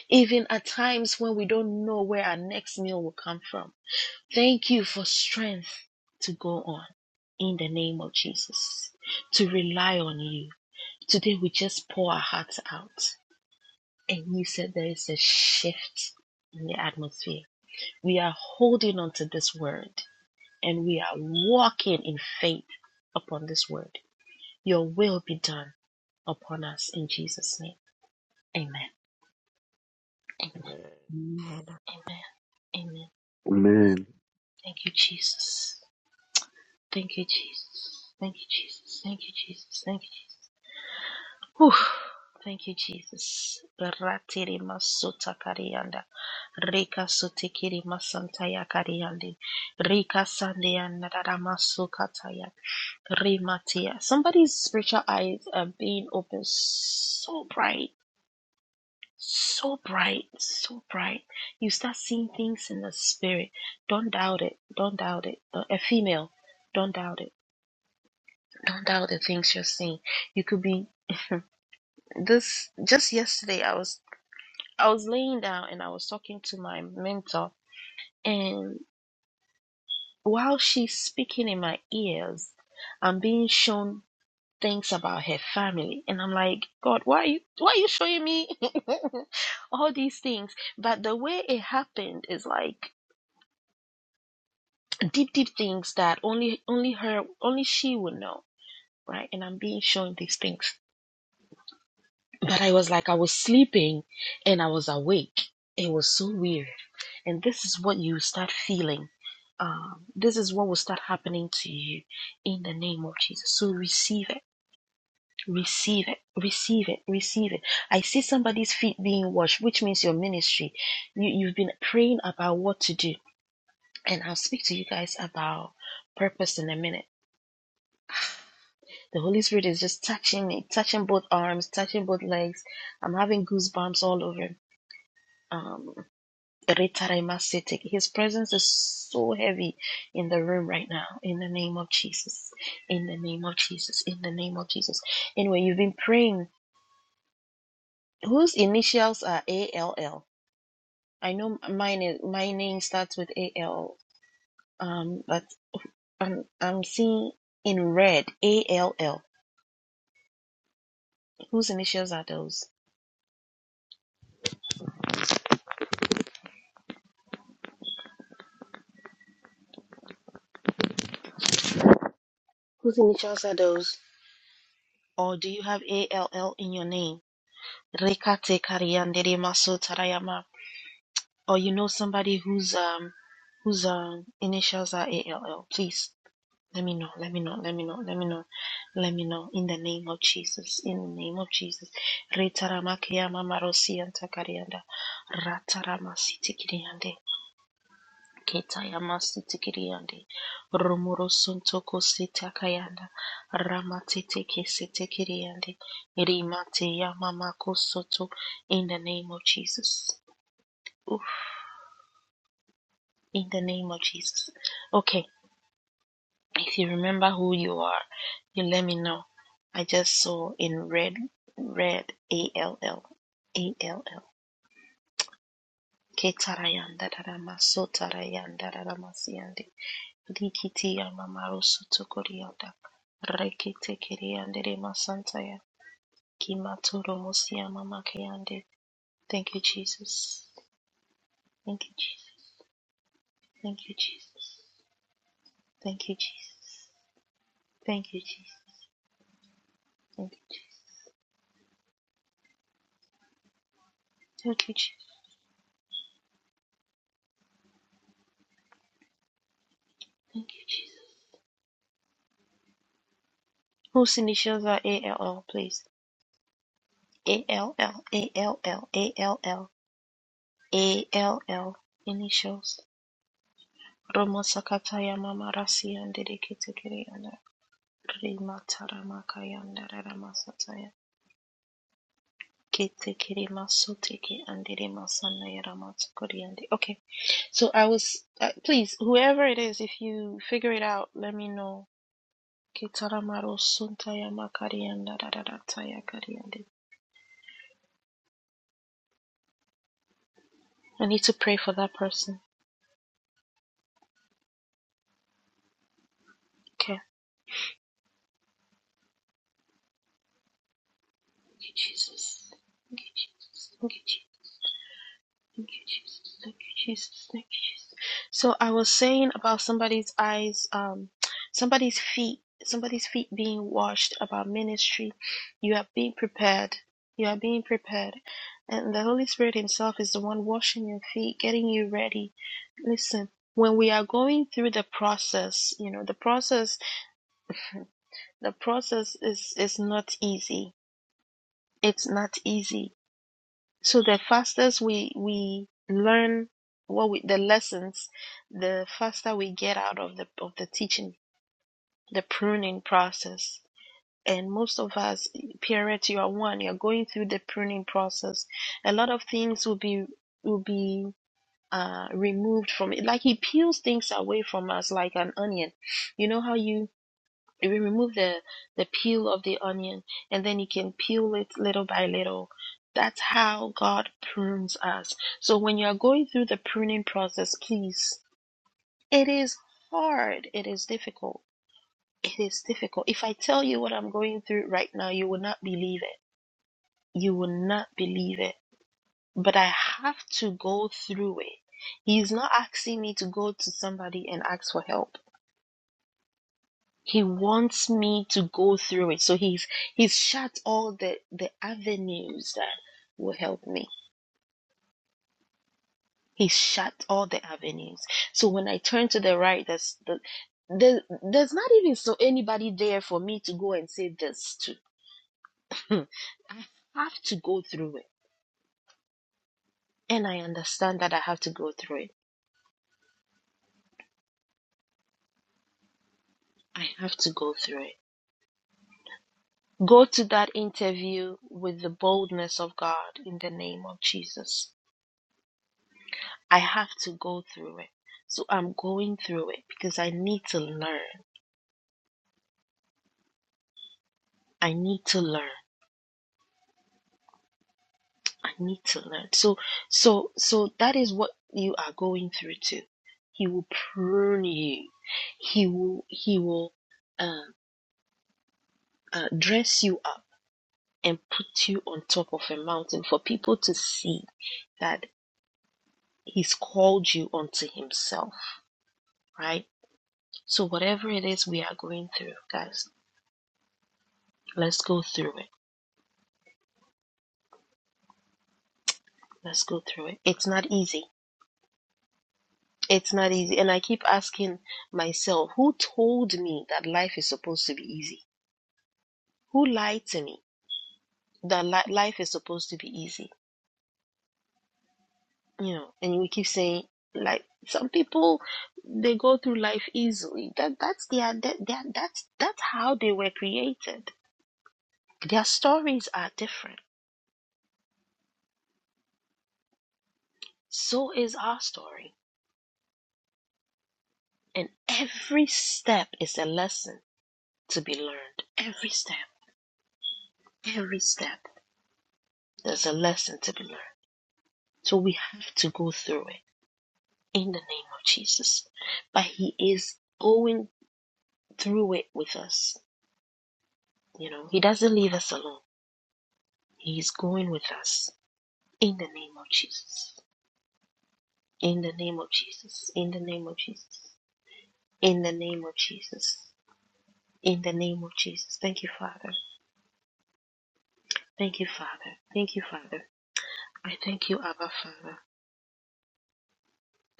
Even at times when we don't know where our next meal will come from. Thank you for strength to go on in the name of Jesus, to rely on you Today we just pour our hearts out. And you said there is a shift in the atmosphere. We are holding on to this word and we are walking in faith upon this word. Your will be done upon us in Jesus' name. Amen.
Amen.
Amen. Amen.
Amen.
Thank you, Jesus. Thank you, Jesus. Thank you, Jesus. Thank you, Jesus. Thank you, Jesus. Whew. Thank you, Jesus. Ratiri masuta karianda. Rika sutikiri masanta ya kariandi. Rika sandianda dada masukata ya. Rimatia. Somebody's spiritual eyes are being opened so bright. So bright, so bright. You start seeing things in the spirit. Don't doubt it. Don't doubt it. Uh, A female, don't doubt it. Don't doubt the things you're seeing. You could be this. Just yesterday, I was I was laying down and I was talking to my mentor, and while she's speaking in my ears, I'm being shown things about her family, and I'm like, God, why are you why are you showing me all these things? But the way it happened is like deep, deep things that only only her only she would know, right? And I'm being shown these things, but I was like, I was sleeping, and I was awake. It was so weird, and this is what you start feeling um, this is what will start happening to you in the name of Jesus. So receive it, receive it, receive it, receive it. I see somebody's feet being washed, which means your ministry. You, you've been praying about what to do, and I'll speak to you guys about purpose in a minute. The Holy Spirit is just touching me, touching both arms, touching both legs. I'm having goosebumps all over. Um, Retaraimasitiki. His presence is so heavy in the room right now. In the name of Jesus. In the name of Jesus. In the name of Jesus. Anyway, you've been praying. Whose initials are A L L? I know mine is, my name starts with AL. Um, but I'm I'm seeing in red ALL. Whose initials are those? Whose initials are those? Or do you have ALL in your name? Rekate kariandere maso tarayama or you know somebody whose um whose um initials are ALL, please let me know. Let me know. Let me know. Let me know. Let me know in the name of Jesus. In the name of Jesus. Retaramakia mamarosi antakarianda. Rataramasitikidiande. Ketayamasitikidiande. Romorosuntoko sitakayanda. Ramateteke sitikiriande. Rimate yamamakosoto. In the name of Jesus. Oof. in the name of Jesus. Okay, if you remember who you are, you let me know. I just saw in red, red A L L A L L. Ketarayan dararama sotarayan dararamasiyande. Likiti yamamaru sotokoriyanda. Rekete kiriyandere masantaya. Kimatoro mosiyamamakeyande. Thank you, Jesus. Thank you, Jesus. Thank you, Jesus. Thank you, Jesus. Thank you, Jesus. Thank you, Jesus. Thank you, Jesus. Most initials are ALL, please. ALL, ALL, ALL, ALL initials. Roma Sakataya Mama Rasian Dedikitikiana Rima Taramakayanda Ramasataya. Kete Kirima Sotiki and Dirima Sanaya Ramatsukuriandi. Okay, so I was, uh, please, whoever it is, if you figure it out, let me know. Kitaramaro Suntaya Makarianda Rarataya Kariandi. I need to pray for that person. Okay. Jesus. Thank you, Jesus. Thank you, Jesus. Thank you, Jesus. Thank you, Jesus. Thank you. So I was saying about somebody's eyes, um, somebody's feet, somebody's feet being washed about ministry. You are being prepared. You are being prepared. And the Holy Spirit Himself is the one washing your feet, getting you ready. Listen, when we are going through the process, you know, the process, the process is, is not easy. It's not easy So the fastest we we learn what we, the lessons, the faster we get out of the of the teaching, the pruning process. And most of us, Pierrette, you are one. You're going through the pruning process. A lot of things will be will be uh, removed from it. Like he peels things away from us like an onion. You know how you you remove the the peel of the onion and then you can peel it little by little that's how god prunes us so when you are going through the pruning process please it is hard it is difficult it is difficult if i tell you what i'm going through right now you will not believe it you will not believe it but i have to go through it he's not asking me to go to somebody and ask for help He wants me to go through it. So he's he's shut all the the avenues that will help me. He shut all the avenues. So when I turn to the right, there's the there, there's not even so anybody there for me to go and say this to. I have to go through it. And I understand that I have to go through it. I have to go through it. Go to that interview with the boldness of God in the name of Jesus I have to go through it. So I'm going through it because I need to learn. I need to learn. I need to learn. So so so that is what you are going through too. He will prune you. He will he will uh, uh, dress you up and put you on top of a mountain for people to see that he's called you unto himself, right? So whatever it is we are going through, guys, let's go through it. Let's go through it. It's not easy It's not easy. And I keep asking myself, who told me that life is supposed to be easy? Who lied to me that li- life is supposed to be easy? You know, and we keep saying, like, some people, they go through life easily. That, that's their, that, that, that's, that's how they were created. Their stories are different. So is our story. And every step is a lesson to be learned. Every step, every step, there's a lesson to be learned. So we have to go through it in the name of Jesus. But He is going through it with us. You know, He doesn't leave us alone. He is going with us in the name of Jesus. In the name of Jesus. In the name of Jesus. In the name of Jesus. In the name of Jesus. Thank you, Father. Thank you, Father. Thank you, Father. I thank you, Abba, Father.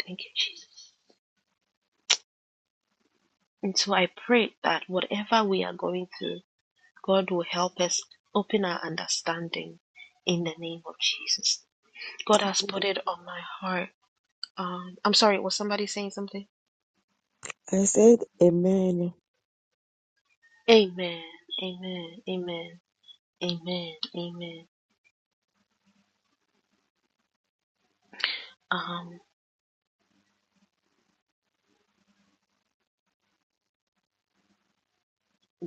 Thank you, Jesus. And so I pray that whatever we are going through, God will help us open our understanding in the name of Jesus. God has put it on my heart. Um, I'm sorry, was somebody saying something?
I said amen.
Amen. Amen. Amen. Amen. Amen. Um,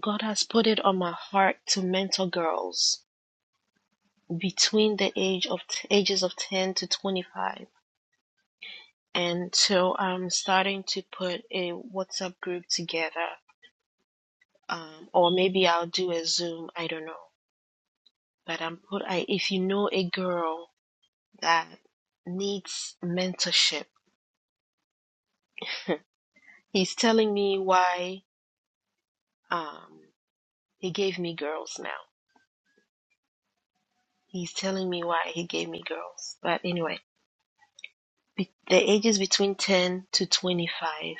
God has put it on my heart to mentor girls between the age of ages of 10 to 25. And so I'm starting to put a WhatsApp group together. Um, or maybe I'll do a Zoom. I don't know. But I'm put, I, if you know a girl that needs mentorship, he's telling me why um he gave me girls now he's telling me why he gave me girls but anyway be- the ages between 10 to 25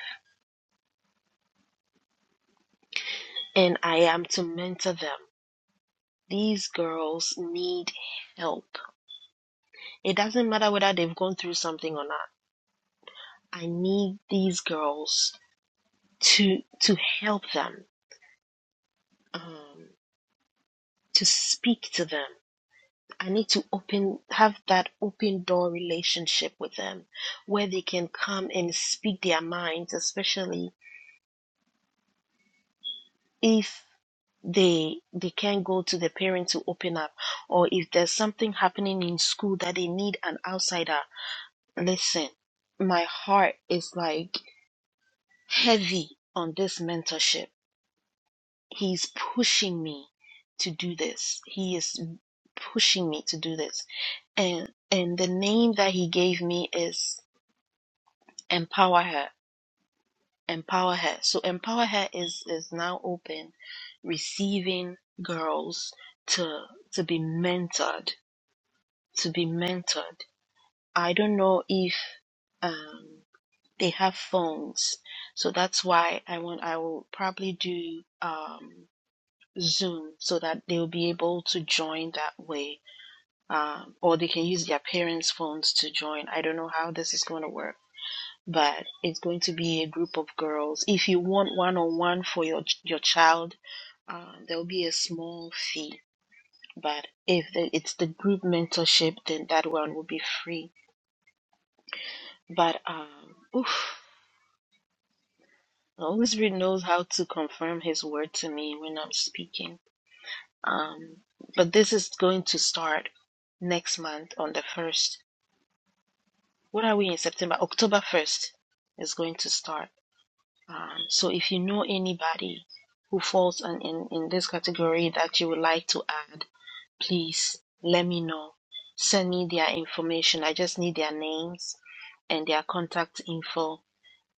and i am to mentor them these girls need help it doesn't matter whether they've gone through something or not i need these girls to to help them um to speak to them i need to open have that open door relationship with them where they can come and speak their minds especially if they they can't go to the parents to open up or if there's something happening in school that they need an outsider listen my heart is like heavy on this mentorship he's pushing me to do this he is pushing me to do this and and the name that he gave me is empower her empower her so empower her is is now open receiving girls to to be mentored to be mentored. I don't know if um, they have phones, so that's why I want. I will probably do um, Zoom so that they'll be able to join that way, um, or they can use their parents' phones to join. I don't know how this is going to work. But it's going to be a group of girls. If you want one on one for your your child, uh, there'll be a small fee. But if the, it's the group mentorship, then that one will be free But um, oof, the Holy Spirit knows how to confirm His word to me when I'm speaking. Um, but this is going to start next month on the first. What are we in September? October first is going to start. Um, so if you know anybody who falls in, in in this category that you would like to add, please let me know. Send me their information. I just need their names and their contact info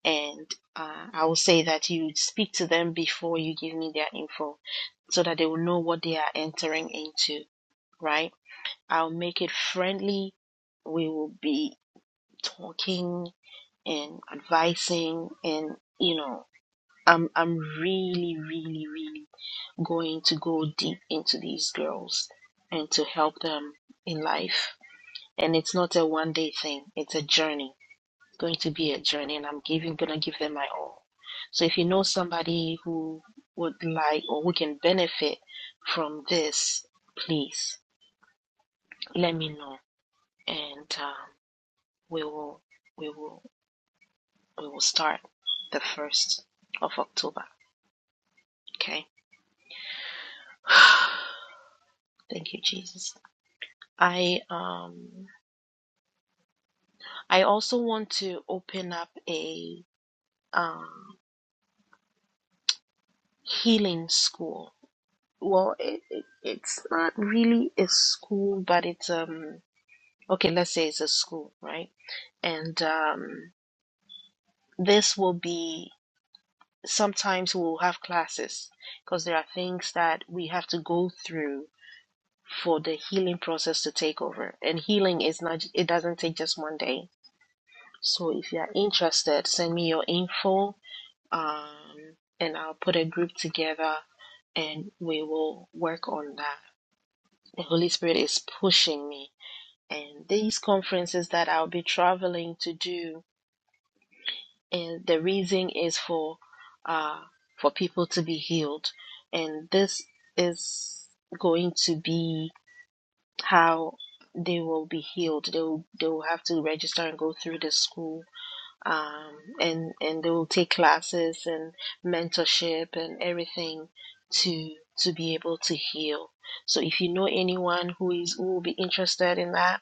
and uh, I will say that you speak to them before you give me their info so that they will know what they are entering into, right? I'll make it friendly. We will be talking and advising and you know, I'm I'm really, really, really go, go deep into girls and to help them in life. And it's not a one day thing, it's a journey going to be a journey and I'm giving gonna give them my all. So if you know somebody who would like or who can benefit from this, please let me know and um, we will we will we will start the first of October. Okay. Thank you, Jesus. I um I also want to open up a um healing school well it, it it's not really a school but it's um okay let's say it's a school right and um this will be sometimes we'll have classes because there are things that we have to go through for the healing process to take over and healing is not it doesn't take just one day so if you are interested send me your info um and i'll put a group together and we will work on that the holy spirit is pushing me and these conferences that I'll be traveling to do, and the reason is for uh, for people to be healed, and this is going to be how they will be healed. They will they will have to register and go through the school, um, and and they will take classes and mentorship and everything to to be able to heal. So if you know anyone who is who will be interested in that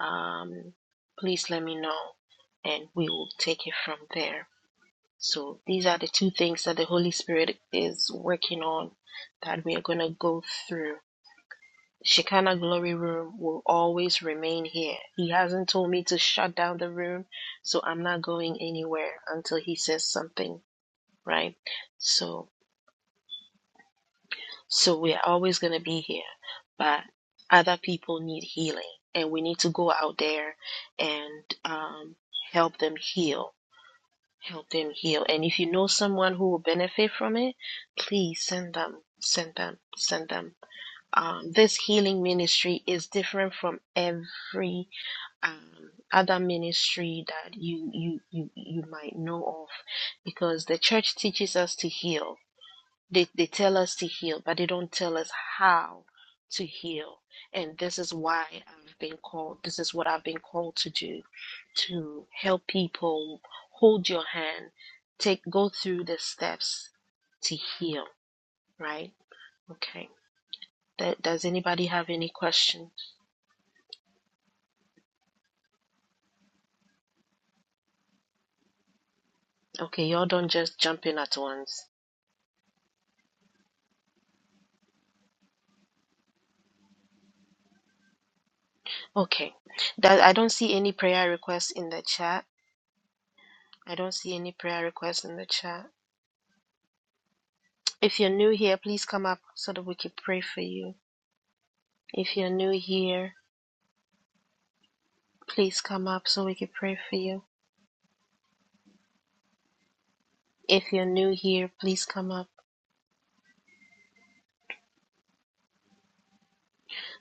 um, please let me know and we will take it from there. So these are the two things that the Holy Spirit is working on that we are going to go through. Shekinah Glory Room will always remain here. He hasn't told me to shut down the room, so I'm not going anywhere until he says something, right? So So we're always going to be here, but other people need healing, and we need to go out there and um, help them heal. Help them heal. And if you know someone who will benefit from it, please send them, send them, send them. Um, this healing ministry is different from every um, other ministry that you, you you you might know of, because the church teaches us to heal they, they tell us to heal, but they don't tell us how to heal. And this is why I've been called, this is what I've been called to do to help people hold your hand, take, go through the steps to heal, right? Okay. Th- Does anybody have any questions? Okay, y'all don't just jump in at once. Okay. That I don't see any prayer requests in the chat. I don't see any prayer requests in the chat. If you're new here, please come up so that we can pray for you. If you're new here, please come up so we can pray for you. If you're new here, please come up.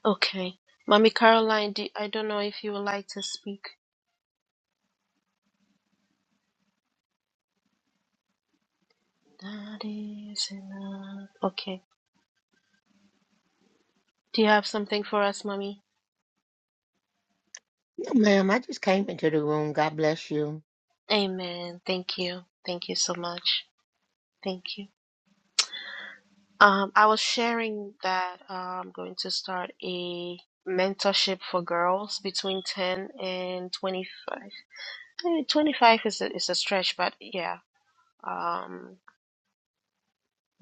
Okay. Mommy Caroline, do, I don't know if you would like to speak. That is enough. Okay. Do you have something for us, Mommy?
No, Ma'am, I just came into the room. God bless you.
Amen. Thank you. Thank you so much. Thank you. Um, I was sharing that uh, I'm going to start a mentorship for girls between 10 and 25. Eh, 25 is a, is a stretch, but yeah. Um,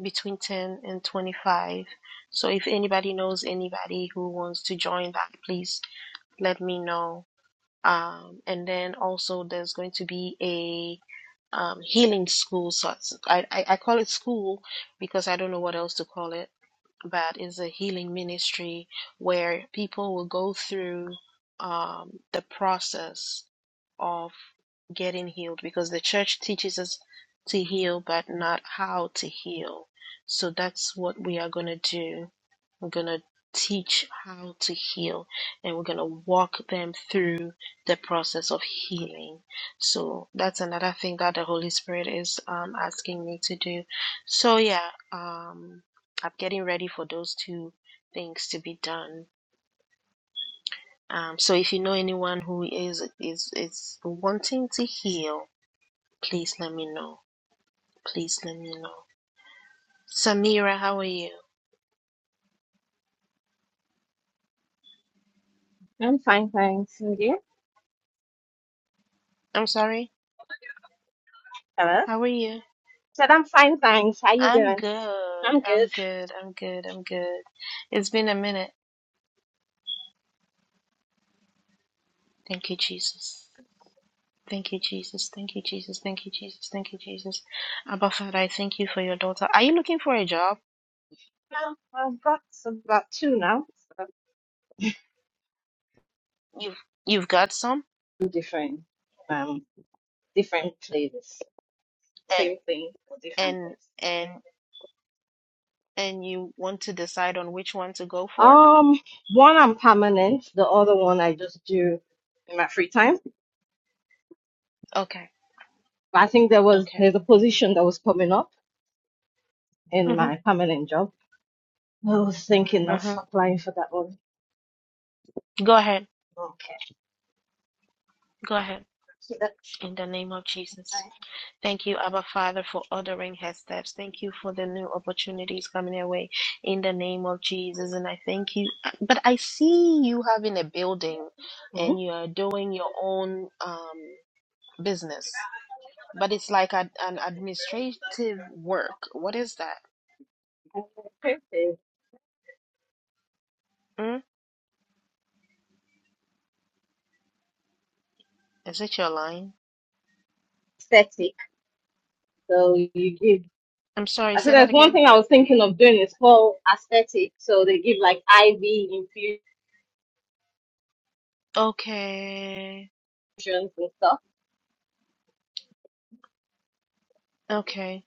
between 10 and 25. So if anybody knows anybody who wants to join that, please let me know. Um, and then also there's going to be a um, healing school. So I, I, I call it school because I don't know what else to call it that is a healing ministry where people will go through um, the process of getting healed because the church teaches us to heal but not how to heal. So that's what we are going to do. We're going to teach how to heal and we're going to walk them through the process of healing. So that's another thing that the Holy Spirit is um, asking me to do. So, yeah. Um, I'm getting ready for those two things to be done. Um, so if you know anyone who is is is wanting to heal, please let me know. Please let me know. Samira, how are you?
I'm fine, thanks. And you?
I'm sorry.
Hello?
How are you?
Said I'm fine, thanks. How you
I'm
doing?
good.
I'm
I'm
good.
good. I'm good. I'm good. It's been a minute. Thank you, Jesus. Thank you, Jesus. Thank you, Jesus. Thank you, Jesus. Thank you, Jesus. Abba Father, I thank you for your daughter. Are you looking for a job?
Well, I've got about two now. So
You've you've got some,
two different, um, different places.
and
Same thing, but different
and
place.
and and you want to decide on which one to go for?
Um, one I'm permanent. The other one I just do in my free time.
Okay.
I think there was
Okay.
there's a position that was coming up in
Mm-hmm.
my permanent job. I was thinking of
Mm-hmm.
applying for that one.
Go ahead.
Okay.
Go ahead.
So that's
In the name of Jesus. Thank you, Abba Father, for ordering her steps. Thank you for the new opportunities coming her way in the name of Jesus. And I thank you. But I see you having a building
Hmm?
and you are doing your own um, business, but it's like ad- an administrative work. What is that?
It's
Mm? Is it your line?
aesthetic. So you give.
I'm sorry,
I said
say that
there's one
again.
thing I was thinking of doing is whole aesthetic. So they give like IV infusions
Okay.
and stuff.
Okay.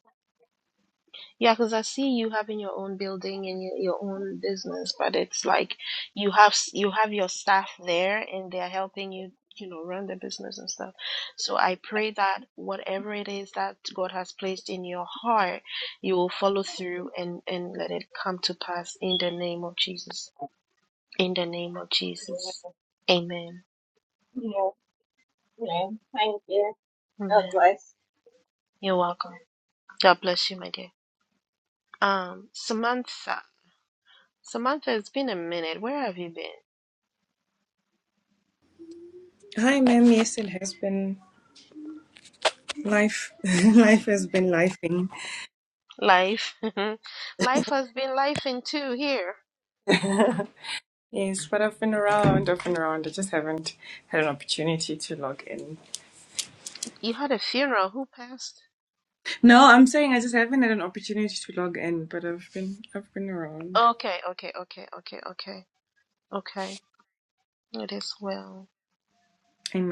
Yeah, because I see you having your own building and your, your own business, but it's like you have s- you have your staff there and they're helping you, you know, run the business and stuff. So I pray that whatever it is that God has placed in your heart, you will follow through and and let it come to pass in the name of Jesus. In the name of
So,
Jesus. Amen.
You know, you know, thank you. That was
Amen.
nice.
You're welcome. God bless you, my dear. Um, Samantha. Samantha, it's been a minute. Where have you been?
Hi, ma'am. Yes, it has been life. life has been lifing.
Life. life has been life in two here.
yes, but I've been around. I've been around. I just haven't had an opportunity to log in.
You had a funeral. Who passed?
No, I'm saying I just haven't had an opportunity to log in, but I've been I've been around.
Okay, okay, okay, okay, okay, okay. It is well.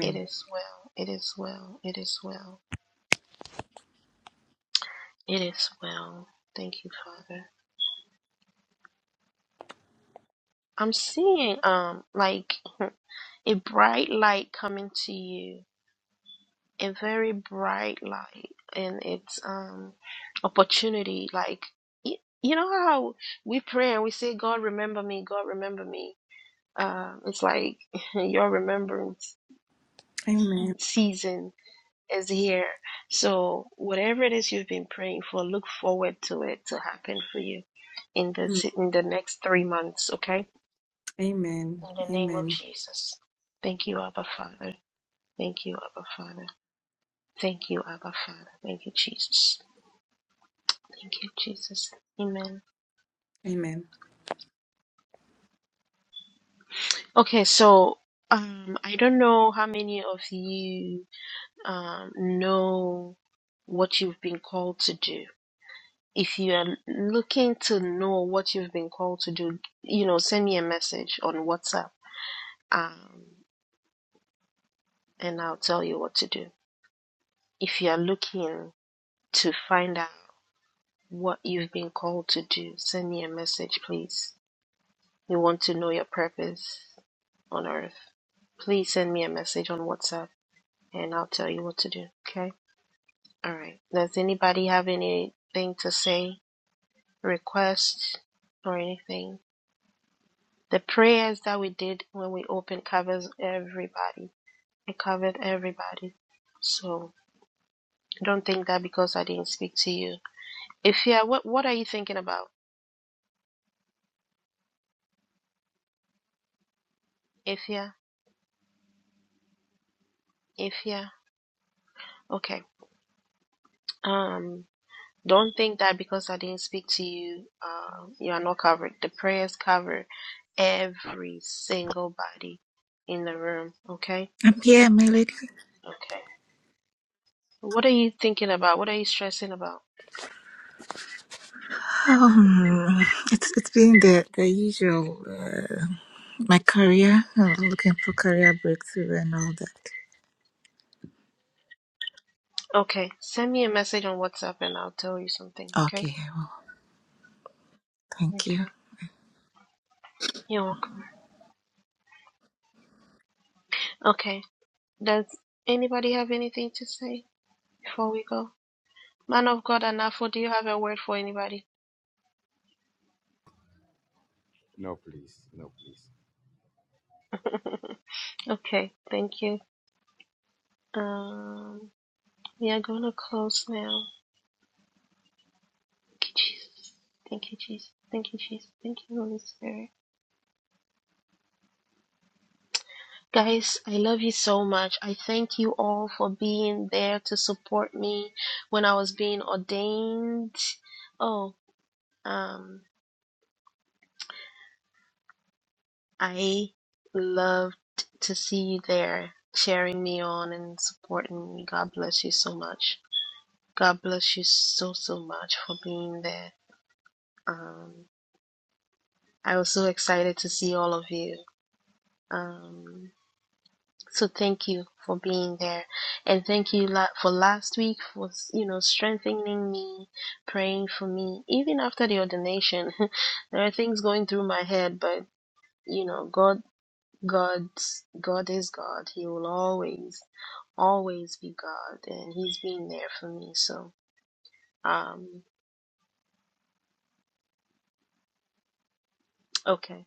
It is well. It is well. It is well. It is well. Thank you, Father. I'm seeing um like a bright light coming to you. a very bright light and it's um opportunity like y- you know how we pray and we say god remember me god remember me um it's like your remembrance
Amen.
season is here so whatever it is you've been praying for look forward to it to happen for you in the se- in the next three months okay
Amen.
in the name of
Amen.
jesus thank you abba father thank you abba father thank you abba father thank you jesus Thank you, Jesus. Amen.
Amen.
Okay, so um, I don't know how many of you um, know what you've been called to do. If you are looking to know what you've been called to do, you know, send me a message on WhatsApp um, and I'll tell you what to do. If you are looking to find out what you've been called to do, send me a message, please. We want to know your purpose on earth. Please send me a message on WhatsApp and I'll tell you what to do. Okay. All right. Does anybody have anything to say, request, or anything? The prayers that we did when we opened covers everybody. It covered everybody. So don't think that because I didn't speak to you. Ifya, what what are you thinking about? Ifya, Ifya. Okay. Um. Don't think that because I didn't speak to you, uh, you are not covered. The prayers covered Every single body in the room, okay?
Um, yeah, my lady.
Okay. What are you thinking about? What are you stressing about?
Um, it's it's been the the usual. Uh, my career, uh, looking for career breakthrough and all that.
Okay. Send me a message on WhatsApp and I'll tell you something, okay?
Okay, well, thank you.
Okay. You're welcome. Okay. Does anybody have anything to say before we go? Man of God, Anafo, do you have a word for anybody?
No, please. No, please.
Okay. Thank you. Um, we are going to close now. Thank you, Jesus. Thank you, Jesus. Thank you, Jesus. Thank you, Holy Spirit. Guys, I love you so much. I thank you all for being there to support me when I was being ordained. Oh, um, I loved to see you there cheering me on and supporting me. God bless you so much. God bless you so, so much for being there. Um, I was so excited to see all of you. Um. So thank you for being there, and thank you for last week for you know strengthening me, praying for me. Even after the ordination, there are things going through my head, but you know God, God, God is God. He will always, always be God, and He's been there for me. So um, okay,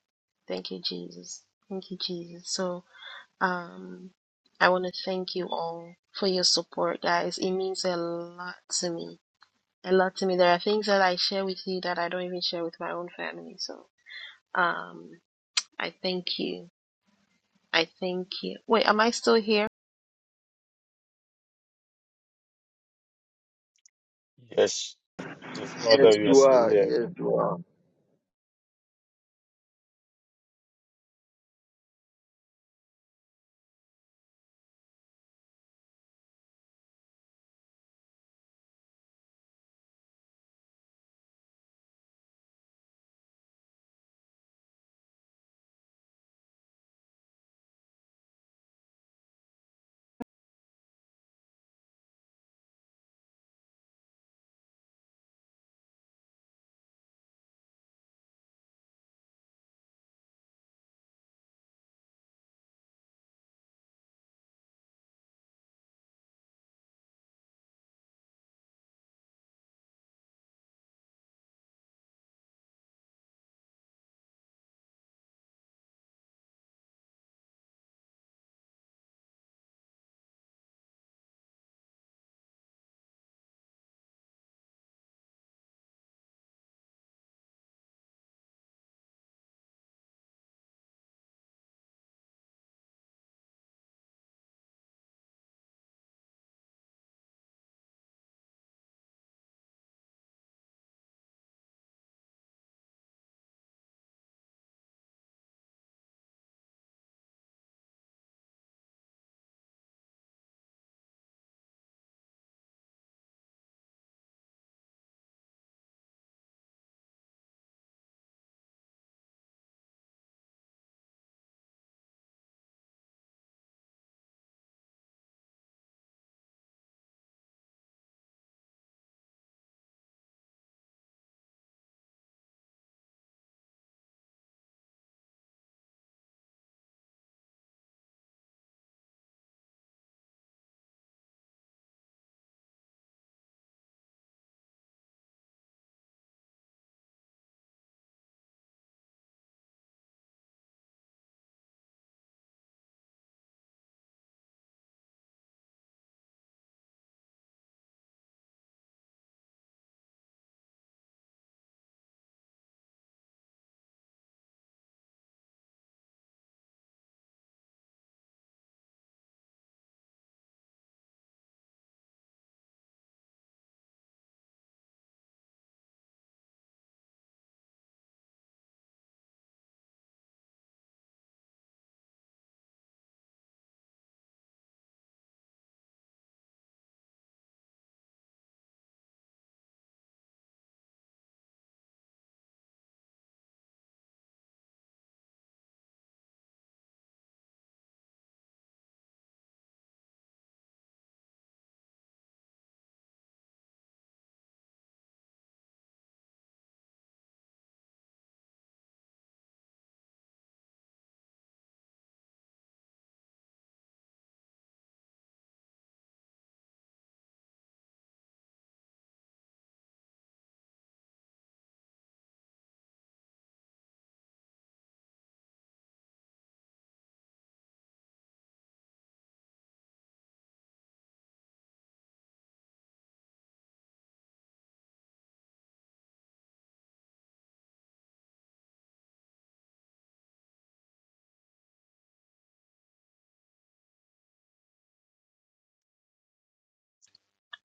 thank you Jesus, thank you Jesus. So um, I want to thank you all for your support, guys. It means a lot to me a lot to me. There are things that I share with you that I don't even share with my own family. So, um, I thank you. I thank you. Wait, am I still here?
Yes. Yes,
Yes,
mother, you are
you
still
are.
here.
Yes, you are.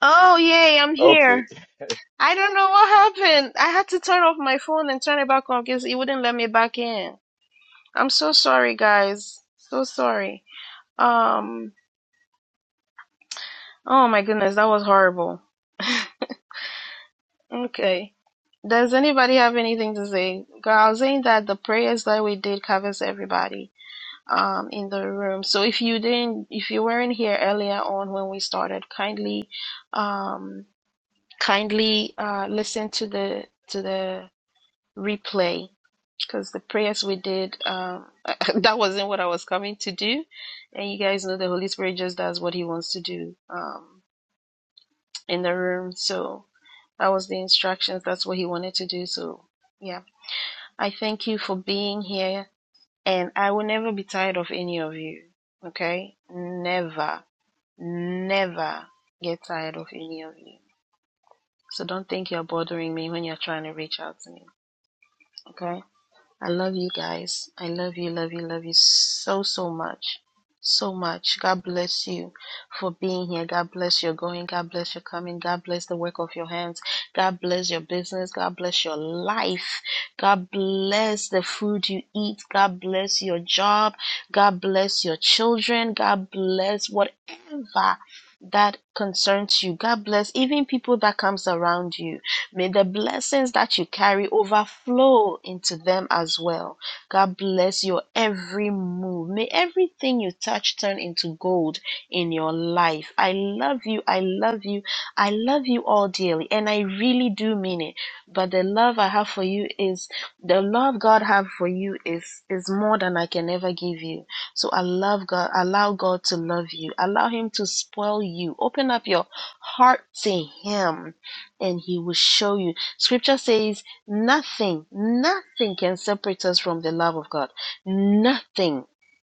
Oh, yay, I'm
Okay.
here. I don't know what happened. I had to turn off my phone and turn it back on because it wouldn't let me back in. I'm so sorry, guys. So sorry. Um, oh my goodness, that was horrible. Okay. Does anybody have anything to say? Girl, I was saying that the prayers that we did covers everybody. um, in the room. So if you didn't, if you weren't here earlier on when we started, kindly, um, kindly uh, listen to the to the replay because the prayers we did, um, that wasn't what I was coming to do, and you guys know the Holy Spirit just does what He wants to do um, in the room. So that was the instructions. That's what He wanted to do. So yeah, I thank you for being here And I will never be tired of any of you. Okay? Never, never get tired of any of you. So don't think you're bothering me when you're trying to reach out to me. Okay? I love you guys. I love you, love you, love you so, so much. So much. God bless you for being here. God bless your going. God bless your coming. God bless the work of your hands. God bless your business. God bless your life. God bless the food you eat. God bless your job. God bless your children. God bless whatever that concerns you. God bless even people that comes around you. May the blessings that you carry overflow into them as well. God bless your every move. May everything you touch turn into gold in your life. I love you. I love you. I love you all dearly and I really do mean it. But the love I have for you is the love God have for you is is more than I can ever give you. So I love God. Allow God to love you. Allow Him to spoil you. Open up your heart to Him and He will show you. Scripture says, nothing, nothing can separate us from the love of God. Nothing.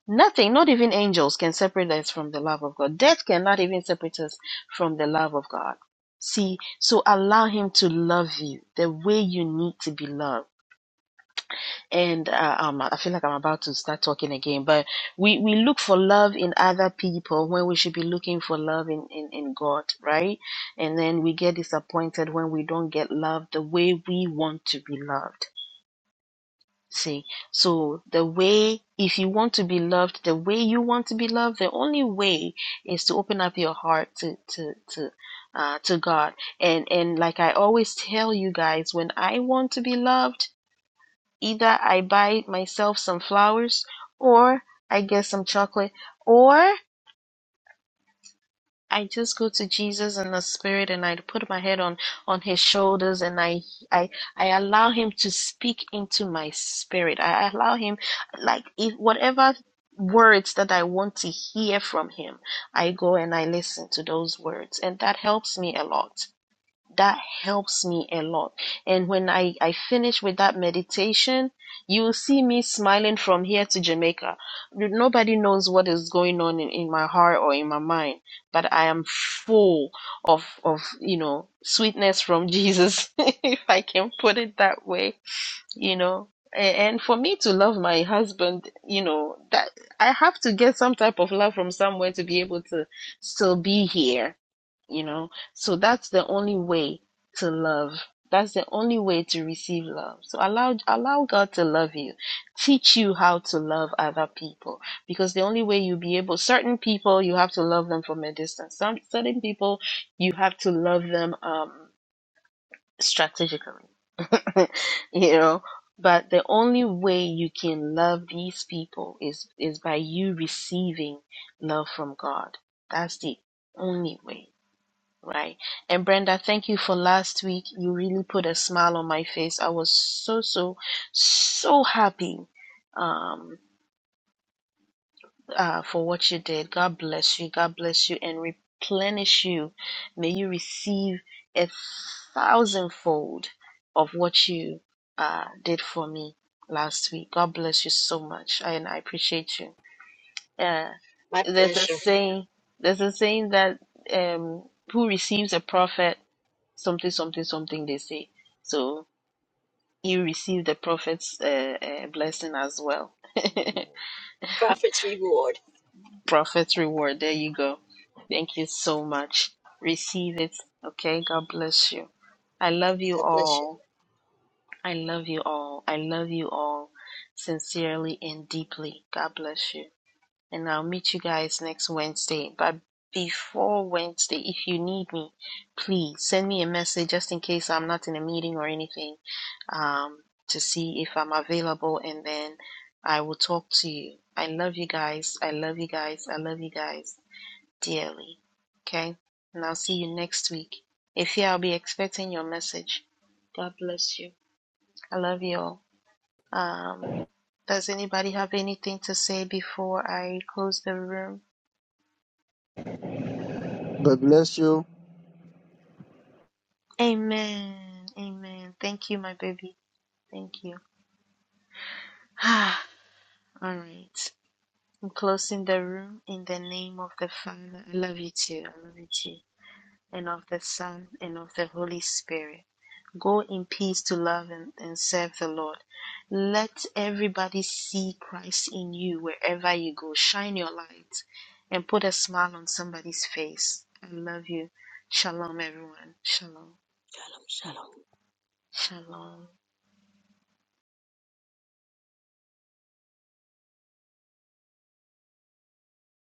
Nothing, not even angels can separate us from the love of God. Death cannot even separate us from the love of God. See, so allow Him to love you the way you need to be loved and uh, um, I feel like I'm about to start talking again, but we, we look for love in other people when we should be looking for love in, in, in God, right? And then we get disappointed when we don't get loved the way we want to be loved. See, so the way, if you want to be loved the way you want to be loved, the only way is to open up your heart to, to, to, uh, to God. And, and like I always tell you guys, when I want to be loved, Either I buy myself some flowers or I get some chocolate or I just go to Jesus in the spirit and I put my head on on his shoulders and I I I allow him to speak into my spirit. I allow him like if whatever words that I want to hear from him, I go and I listen to those words and that helps me a lot that helps me a lot. And when I, I finish with that meditation, you'll see me smiling from here to Jamaica. Nobody knows what is going on in, in my heart or in my mind, but I am full of, of, you know, sweetness from Jesus, if I can put it that way, you know. And for me to love my husband, you know, that I have to get some type of love from somewhere to be able to still be here you know so that's the only way to love that's the only way to receive love so allow allow god to love you teach you how to love other people because the only way you'll be able certain people you have to love them from a distance some certain people you have to love them um strategically you know but the only way you can love these people is is by you receiving love from god that's the only way Right. And Brenda, thank you for last week. You really put a smile on my face. I was so, so, so happy um, uh, for what you did. God bless you. God bless you and replenish you. May you receive a thousandfold of what you uh, did for me last week. God bless you so much. I and I appreciate you. Uh,
My
there's a
pleasure.
saying, there's a saying that um, who receives a prophet something something something they say so he received the prophet's uh, uh, blessing as well
You won't.
Prophet's reward.
prophet's reward there you go thank you so much receive it okay god bless you i love you
God bless you.
all i love you all i love you all sincerely and deeply god bless you and I'll meet you guys next Wednesday. But before Wednesday, if you need me, please send me a message just in case I'm not in a meeting or anything um, to see if I'm available, and then I will talk to you. I love you guys. I love you guys. I love you guys dearly. Okay? And I'll see you next week. If yeah, I'll be expecting your message. God bless you. I love you all. Um, does anybody have anything to say before I close the room?
God bless you.
Amen. Amen. Thank you, my baby. Thank you. All right. I'm closing the room in the name of the Father. I love you too. I love you too. And of the Son and of the Holy Spirit. Go in peace to love and, and serve the Lord. Let everybody see Christ in you wherever you go. Shine your light and put a smile on somebody's face. I love you. Shalom, everyone. Shalom. Shalom.